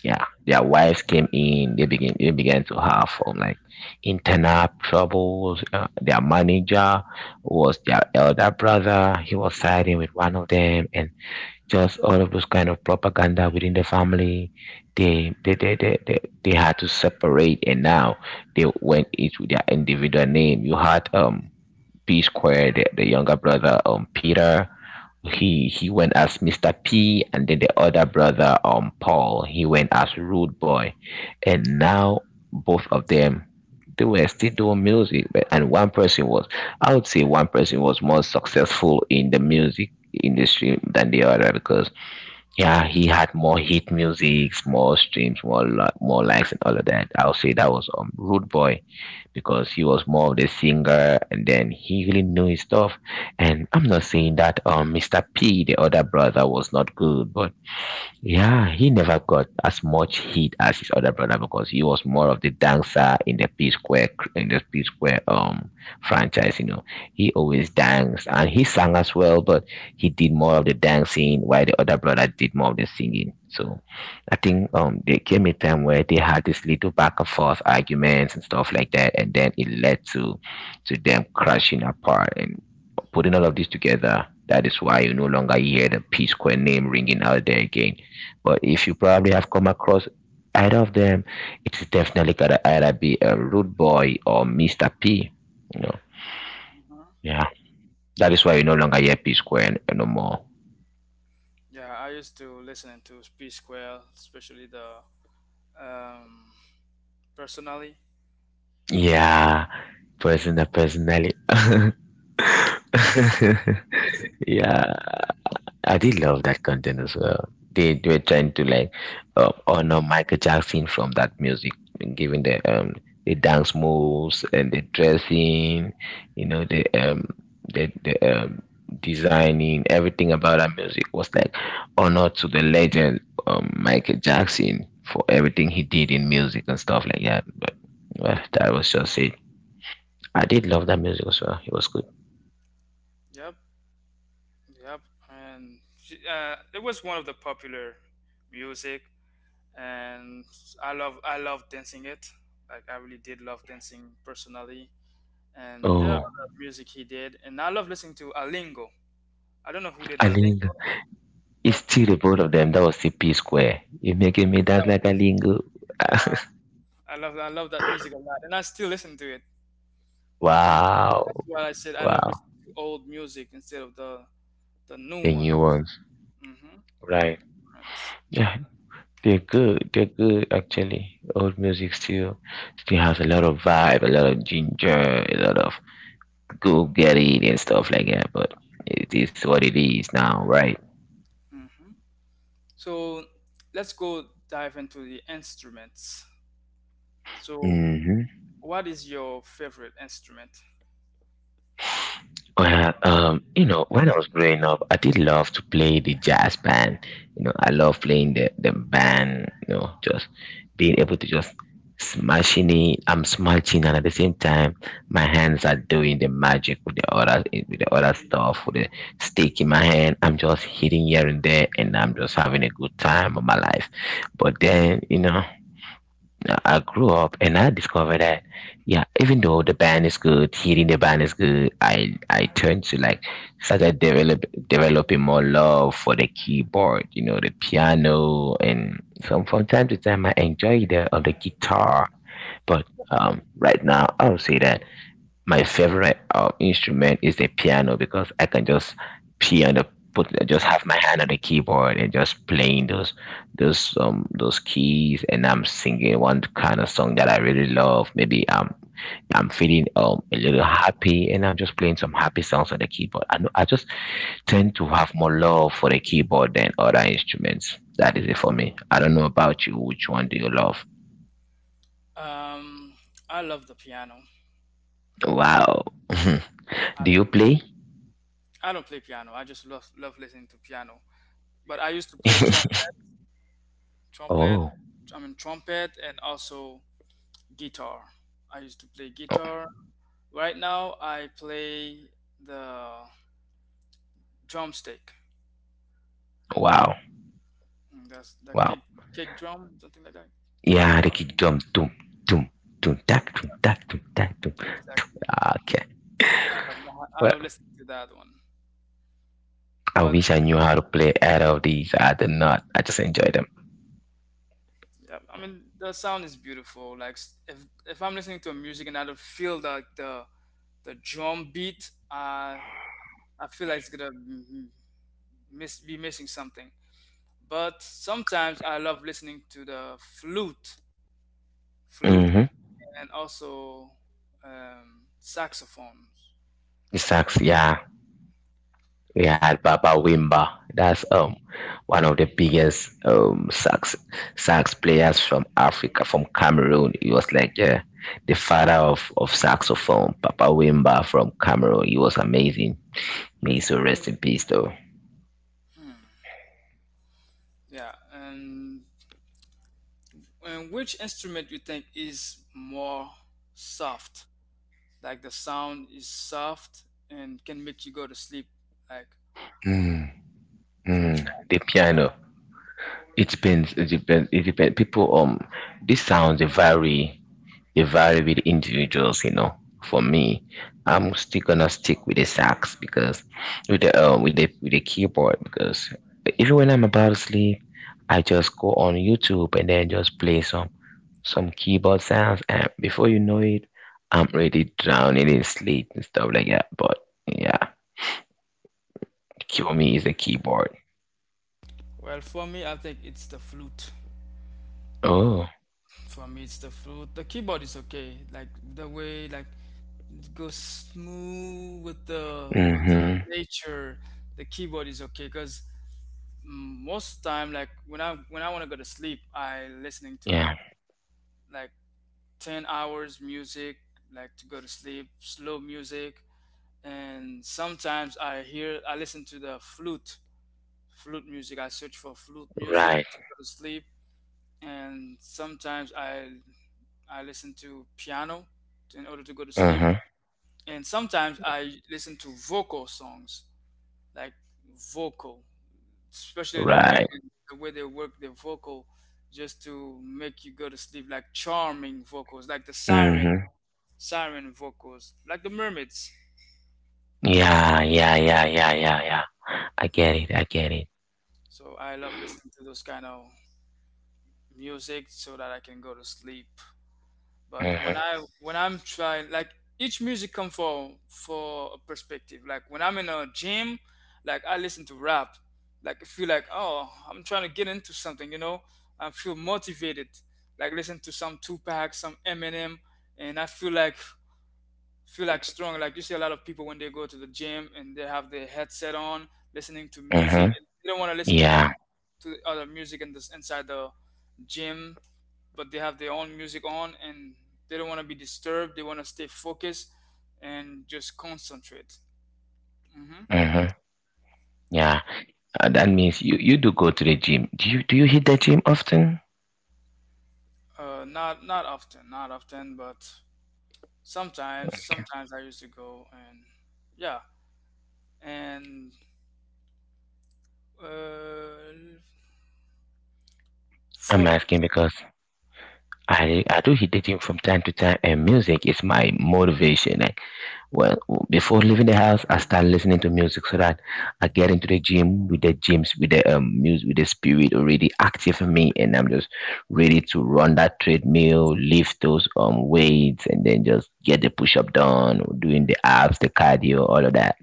B: yeah, their wives came in. They begin. They began to have um, like internal troubles. Uh, their manager was their elder brother. He was siding with one of them, and just all of those kind of propaganda within the family, they they they they, they, they had to separate, and now they went each with their individual name. You had um P Square, the, the younger brother, um Peter, he he went as Mr. P, and then the other brother, um Paul, he went as Rude Boy. And now both of them, they were still doing music, but and one person was i would say one person was more successful in the music industry than the other because yeah, he had more hit musics, more streams, more li- more likes, and all of that. I would say that was um, Rude Boy because he was more of the singer, and then he really knew his stuff. And I'm not saying that um Mister P, the other brother, was not good, but yeah, he never got as much heat as his other brother because he was more of the dancer in the P Square cr- in the P Square um franchise. You know, he always danced and he sang as well, but he did more of the dancing while the other brother did more of the singing. So, I think um there came a time where they had this little back and forth arguments and stuff like that, and then it led to to them crashing apart and putting all of this together. That is why you no longer hear the P Square name ringing out there again, but if you probably have come across either of them, it's definitely gonna either be a Rude Boy or Mister P. You know,
A: Hmm.
B: yeah. That is why you no longer hear P Square n- no more.
A: Yeah, I used to listen to P Square, especially the um, personally.
B: Yeah, personal, personally. Yeah. I really love that contenders. Uh, they were trying to like uh, honor Michael Jackson from that music, given the um the dance moves and the dressing, you know the um the the um, designing everything about that music was like honor to the legend, um, Michael Jackson, for everything he did in music and stuff like that. But well, that was just it. I did love that music as well. It was good.
A: Yep, yep. And she- uh, it was one of the popular music. And I love I love dancing it. Like I really did love dancing personally. And there are
B: Oh,
A: other music he did, and I love listening to Alingo. I don't know who did
B: I think
A: Alingo,
B: it's
A: but
B: still the both of them. That was the P Square. You're making me dance
A: yeah,
B: like a lingo.
A: yeah, I love I love that music a lot, and I still listen to it. I mean,
B: Wow.
A: that's why I said I love
B: Wow.
A: listening to old music instead of the the
B: The
A: new
B: new
A: ones.
B: ones.
A: Mm-hmm.
B: Right. Yeah. They're good. They're good actually. Old music still still has a lot of vibe, a lot of ginger, a lot of go get it and stuff like that, but it is what it is now, right?
A: Mm-hmm. So let's go dive into the instruments. So,
B: Hmm.
A: what is your favorite instrument?
B: Well, um, you know, when I was growing up, I did love to play the jazz band. You know, I love playing the, the band, you know, just being able to just smashing it. I'm smashing and at the same time my hands are doing the magic with the other with the other stuff, with the stick in my hand. I'm just hitting here and there and I'm just having a good time of my life. But then, you know, uh, I grew up and I discovered that yeah, even though the band is good, hearing the band is good, I I turned to like started develop developing more love for the keyboard, you know, the piano, and from from time to time I enjoy the of the guitar. But um, right now I'll say that my favorite um, instrument is the piano because I can just piano put just have my hand on the keyboard and just playing those those um those keys and I'm singing one kind of song that I really love. Maybe um I'm feeling um a little happy and I'm just playing some happy songs on the keyboard. I know I just tend to have more love for the keyboard than other instruments. That is it for me. I don't know about you. Which one do you love?
A: Um, I love the piano. I love,
B: Wow.
A: I
B: Do
A: love
B: you
A: the,
B: play?
A: I don't play piano. I just love love listening to piano. But I used to play trump, trumpet.
B: Oh,
A: I mean trumpet and also guitar. I used to play guitar. Right now I play the drumstick.
B: wow.
A: Mm, that's the
B: Wow.
A: kick kick drum, something like that.
B: Yeah, the kick drum. Doom, doom, doom, tack, doom, tack, doom, tack, doom.
A: Exactly.
B: Okay.
A: I love I
B: Well,
A: love listening to that one.
B: I
A: But
B: wish I knew how to play either of these. I did not. I just enjoy them.
A: yeah, I mean the sound is beautiful. Like s- if if I'm listening to music and I don't feel like the the drum beat, uh, I feel like it's gonna m- miss be missing something. But sometimes I love listening to the flute, flute and
B: Mm-hmm.
A: and also um, saxophones.
B: The sax, yeah. We had Baba Wimba. That's um one of the biggest um sax sax players from Africa, from Cameroon. He was like yeah, the father of, of saxophone, Papa Wimba from Cameroon. He was amazing. May he so rest in peace though.
A: Yeah, and and which instrument you think is more soft? Like the sound is soft and can make you go to sleep like
B: Mm,
A: very.
B: mm. The piano. It depends. It depends. It depends. People, um, these sounds they vary. They vary with individuals. You know, for me, I'm still gonna stick with the sax because with the um with the with the keyboard because even when I'm about to sleep, I just go on YouTube and then just play some some keyboard sounds, and before you know it, I'm ready drowning in sleep and stuff like that. But yeah, kill me is the keyboard.
A: Well, for me, I think it's the flute.
B: Oh.
A: For me, it's the flute. The keyboard is okay. Like the way like it goes smooth with the with the
B: Mhm.
A: nature. The keyboard is okay because most time like when I when I want to go to sleep, I listening
B: Yeah.
A: to like ten hours music like to go to sleep, slow music, and sometimes I hear I listen to the flute flute music. I search for flute music
B: Right.
A: to go to sleep, and sometimes I I listen to piano in order to go to sleep,
B: Mhm.
A: and sometimes I listen to vocal songs, like vocal, especially the women,
B: Right.
A: the way they work their vocal just to make you go to sleep, like charming vocals like the siren
B: Hmm.
A: siren vocals like the mermaids.
B: Yeah, yeah, yeah, yeah, yeah, yeah. I get it. I get it.
A: So I love listening to those kind of music so that I can go to sleep. But when
B: Mm-hmm.
A: i when I'm trying, like, each music come for for a perspective. Like when I'm in a gym, like, I listen to rap. Like, I feel like, oh, I'm trying to get into something, you know I feel motivated, like, listen to some Tupac, some Eminem. And I feel like feel like strong. Like, you see a lot of people when they go to the gym and they have their headset on listening to music,
B: Mm-hmm.
A: and they don't want to listen to the
B: Yeah.
A: to the other music in this inside the gym. But they have their own music on, and they don't want to be disturbed. They want to stay focused and just concentrate. hmm
B: Mm-hmm. Yeah. Uh, that means you, you do go to the gym. Do you do you hit the gym often?
A: Uh, not not often, not often, but sometimes. Sometimes I used to go, and yeah, and, uh,
B: I'm
A: for,
B: asking because I I do hit the gym from time to time, and music is my motivation. Well, before leaving the house, I start listening to music so that I get into the gym with the gyms with the um music with the spirit already active in me, and I'm just ready to run that treadmill, lift those um weights, and then just get the push up done, doing the abs, the cardio, all of that.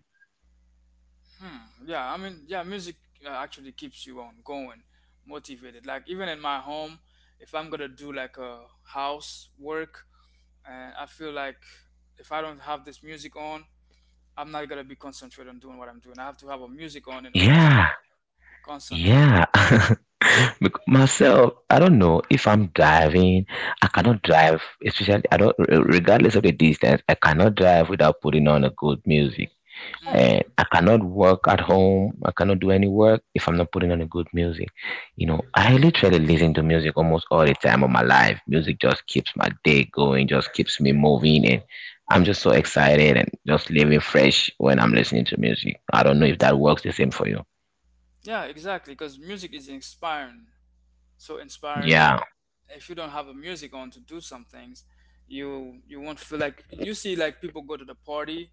A: hmm, yeah, I mean, yeah, music, uh, actually keeps you on going, motivated. Like even in my home, if I'm gonna do like a house work, and I feel like if I don't have this music on, I'm not gonna be concentrated on doing what I'm doing. I have to have a music on in order to
B: Yeah,
A: concentrate.
B: yeah. Bec- myself, I don't know, if I'm driving I cannot drive, especially I don't re- regardless of the distance, I cannot drive without putting on a good music, and
A: Hmm.
B: I cannot work at home. I cannot do any work if I'm not putting on a good music. You know, I literally listen to music almost all the time of my life. Music just keeps my day going, just keeps me moving, and I'm just so excited and just living fresh when I'm listening to music. I don't know if that works the same for you.
A: Yeah, exactly. Because music is inspiring. So inspiring. Like,
B: Yeah,
A: if you don't have a music on to do some things, you you won't feel, like, you see, like, people go to the party,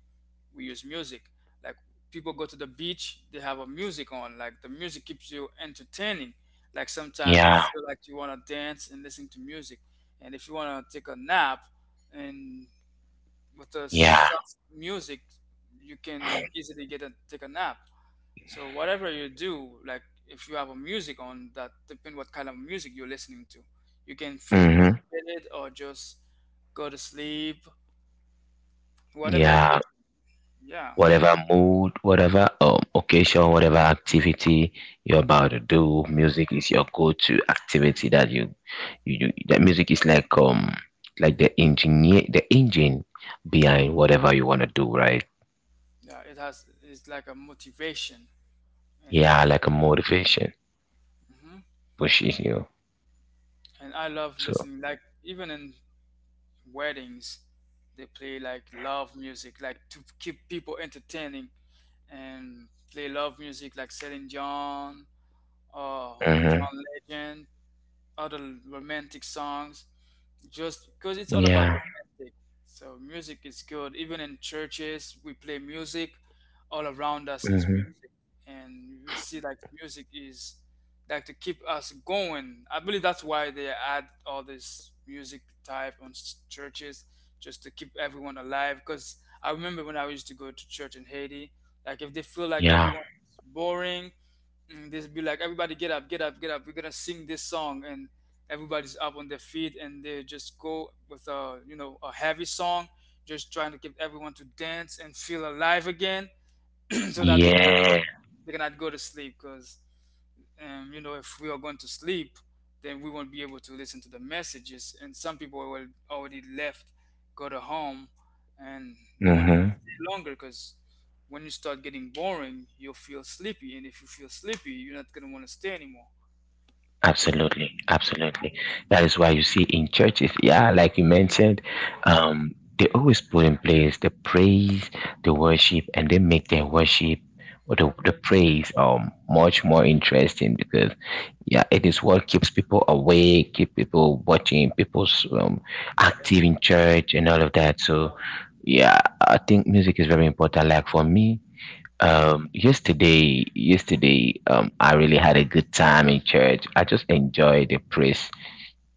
A: we use music. Like, people go to the beach, they have a music on. Like, the music keeps you entertaining. Like, sometimes you
B: yeah,
A: feel like you wanna dance and listen to music, and if you wanna take a nap and with the
B: yeah.
A: soft music, you can easily get a take a nap. So whatever you do, like, if you have a music on, that depend what kind of music you're listening to, you can feel
B: Mm-hmm.
A: motivated or just go to sleep. Whatever occasion,
B: Yeah.
A: yeah,
B: Whatever mood, whatever um, occasion, whatever activity you're about to do, music is your go-to activity that you you, you that music is like um like the engineer the engine behind whatever you want to do, right?
A: yeah, it has it's like a motivation, and
B: Yeah,
A: every,
B: like a motivation,
A: hmm
B: pushes you.
A: and I love
B: So
A: listening. Like, even in weddings, they play like love music, like to keep people entertaining, and play love music like Celine Dion or
B: mm-hmm.
A: John Legend, other romantic songs just because it's all about
B: Yeah.
A: romantic. So music is good. Even in churches, we play music. All around us is
B: Mm-hmm.
A: music, and we see like music is like to keep us going. I believe that's why they add all this music type on s- churches, just to keep everyone alive. Because I remember when I used to go to church in Haiti, like if they feel like
B: Yeah.
A: everyone is boring, and this be like, everybody get up, get up, get up. We're gonna sing this song, and everybody's up on their feet, and they just go with a, you know, a heavy song, just trying to get everyone to dance and feel alive again, so that they cannot go,
B: Yeah.
A: they cannot go to sleep. Because um, you know, if we are going to sleep, then we won't be able to listen to the messages, and some people will already left, go to home, and they won't even
B: Mm-hmm.
A: stay longer, because when you start getting boring, you'll feel sleepy, and if you feel sleepy, you're not going to want to stay anymore.
B: Absolutely, absolutely. That is why you see in churches, yeah, like you mentioned, um they always put in place the praise, the worship, and they make their worship or the, the praise um much more interesting because yeah, it is what keeps people awake, keep people watching, people's um, active in church and all of that. So yeah, I think music is very important. Like for me, um yesterday yesterday um I really had a good time in church. I just enjoyed the praise,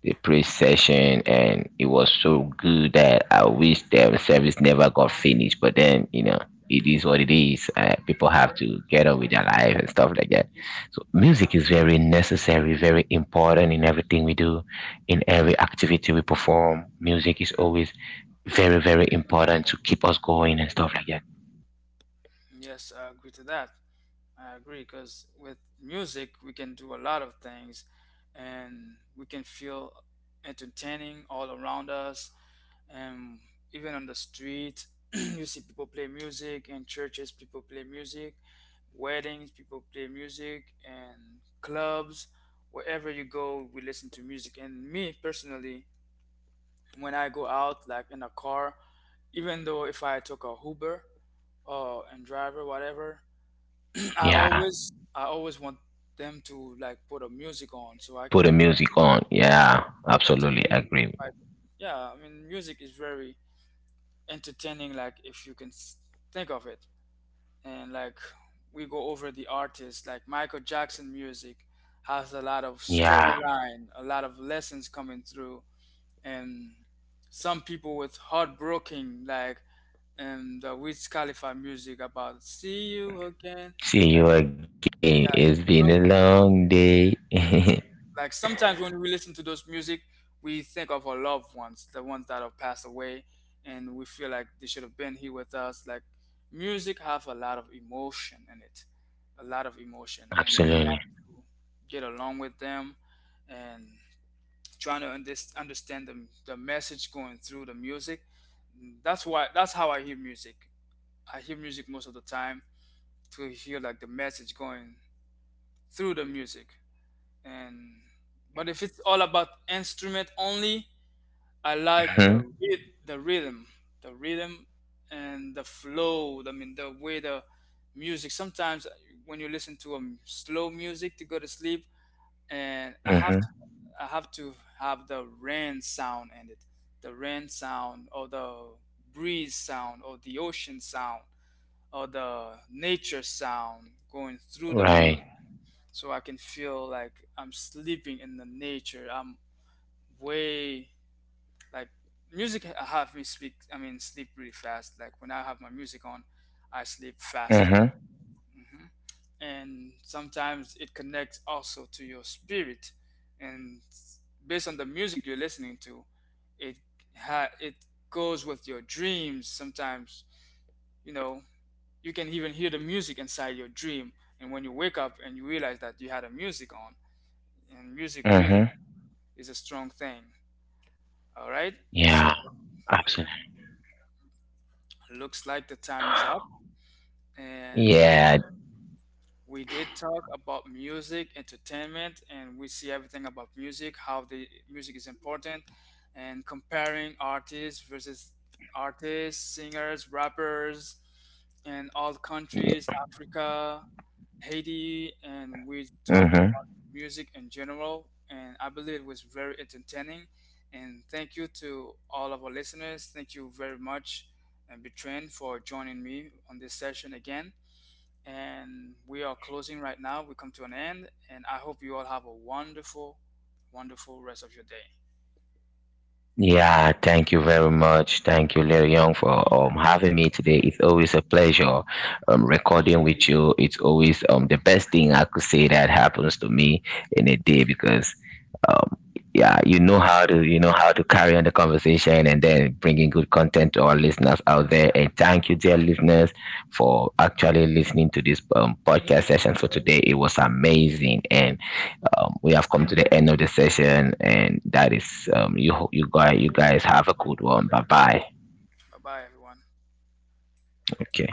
B: the pre session, and it was so good that I wish the service never got finished. But then, you know, it is what it is. Uh, people have to get on with their life and stuff like that. So, music is very necessary, very important in everything we do, in every activity we perform. Music is always very, very important to keep us going and stuff like that.
A: Yes, I agree to that. I agree, because with music we can do a lot of things, and we can feel entertaining all around us. And even on the street, you see people play music, in churches people play music, weddings people play music, and clubs. Wherever you go, we listen to music. And me personally, when I go out, like in a car, even though if I took a Uber or and driver whatever, I
B: Yeah,
A: always I always want them to like put a music on, so I
B: put
A: can
B: the music on.
A: try
B: Yeah,
A: to feel
B: absolutely
A: entertaining, if
B: agree.
A: I can. Yeah, I mean, music is very entertaining. Like, if you can s- think of it, and, like, we go over the artists like Michael Jackson, music has a lot of
B: Yeah.
A: storyline, a lot of lessons coming through. And some people with heartbroken, like, and the Wiz Khalifa music about see you again,
B: See
A: like
B: you again. It's
A: that.
B: been a long day.
A: Like, sometimes when we listen to those music, we think of our loved ones, the ones that have passed away, and we feel like they should have been here with us. Like, music have a lot of emotion in it, a lot of emotion, and we
B: Absolutely.
A: have to get along with them, and trying to unders- understand the, the message going through the music. That's why that's how I hear music. I hear music most of the time to hear, like, the message going through the music. And but if it's all about instrument only, I like the
B: Mhm,
A: ryth- the rhythm the rhythm and the flow. I mean, the way the music sometimes, when you listen to um, slow music to go to sleep, and i have
B: mhm.
A: to i have to have the rain sound in it, the rain sound, or the breeze sound, or the ocean sound, or the nature sound going through the music,
B: Right.
A: so I can feel like I'm sleeping in the nature. I'm way, like, music ha- have me speak. I mean, sleep really fast. Like, when I have my music on, I sleep faster.
B: Mhm,
A: hmm And sometimes it connects also to your spirit, and based on the music you're listening to, it ha- it goes with your dreams. Sometimes, you know, you can even hear the music inside your dream, and when you wake up and you realize that you had a music on. And music really
B: mhm.
A: is a strong thing. All right.
B: Yeah,
A: So,
B: absolutely.
A: looks like the time is up, and
B: Yeah.
A: we did talk about music, entertainment, and we see everything about music, how the music is important, and comparing artists versus artists, singers, rappers, and all countries,
B: Y-
A: Africa, Haiti, and we talk
B: Mhm.
A: about music in general. And I believe it was very entertaining. And thank you to all of our listeners. Thank you very much, and Betrain, for joining me on this session again. And we are closing right now. We come to an end. And I hope you all have a wonderful, wonderful rest of your day.
B: Yeah, thank you very much. Thank you, Leo Young, for um having me today. It's always a pleasure um recording with you. It's always um the best thing I could say that happens to me in a day because um, yeah, you know how to you know how to carry on the conversation and then bringing good content to our listeners out there. And thank you, dear listeners, for actually listening to this um, podcast session for today. It was amazing, and um, we have come to the end of the session. And that is um, you ho- you guys you guys have a good one. Bye bye.
A: Bye bye, everyone.
B: Okay.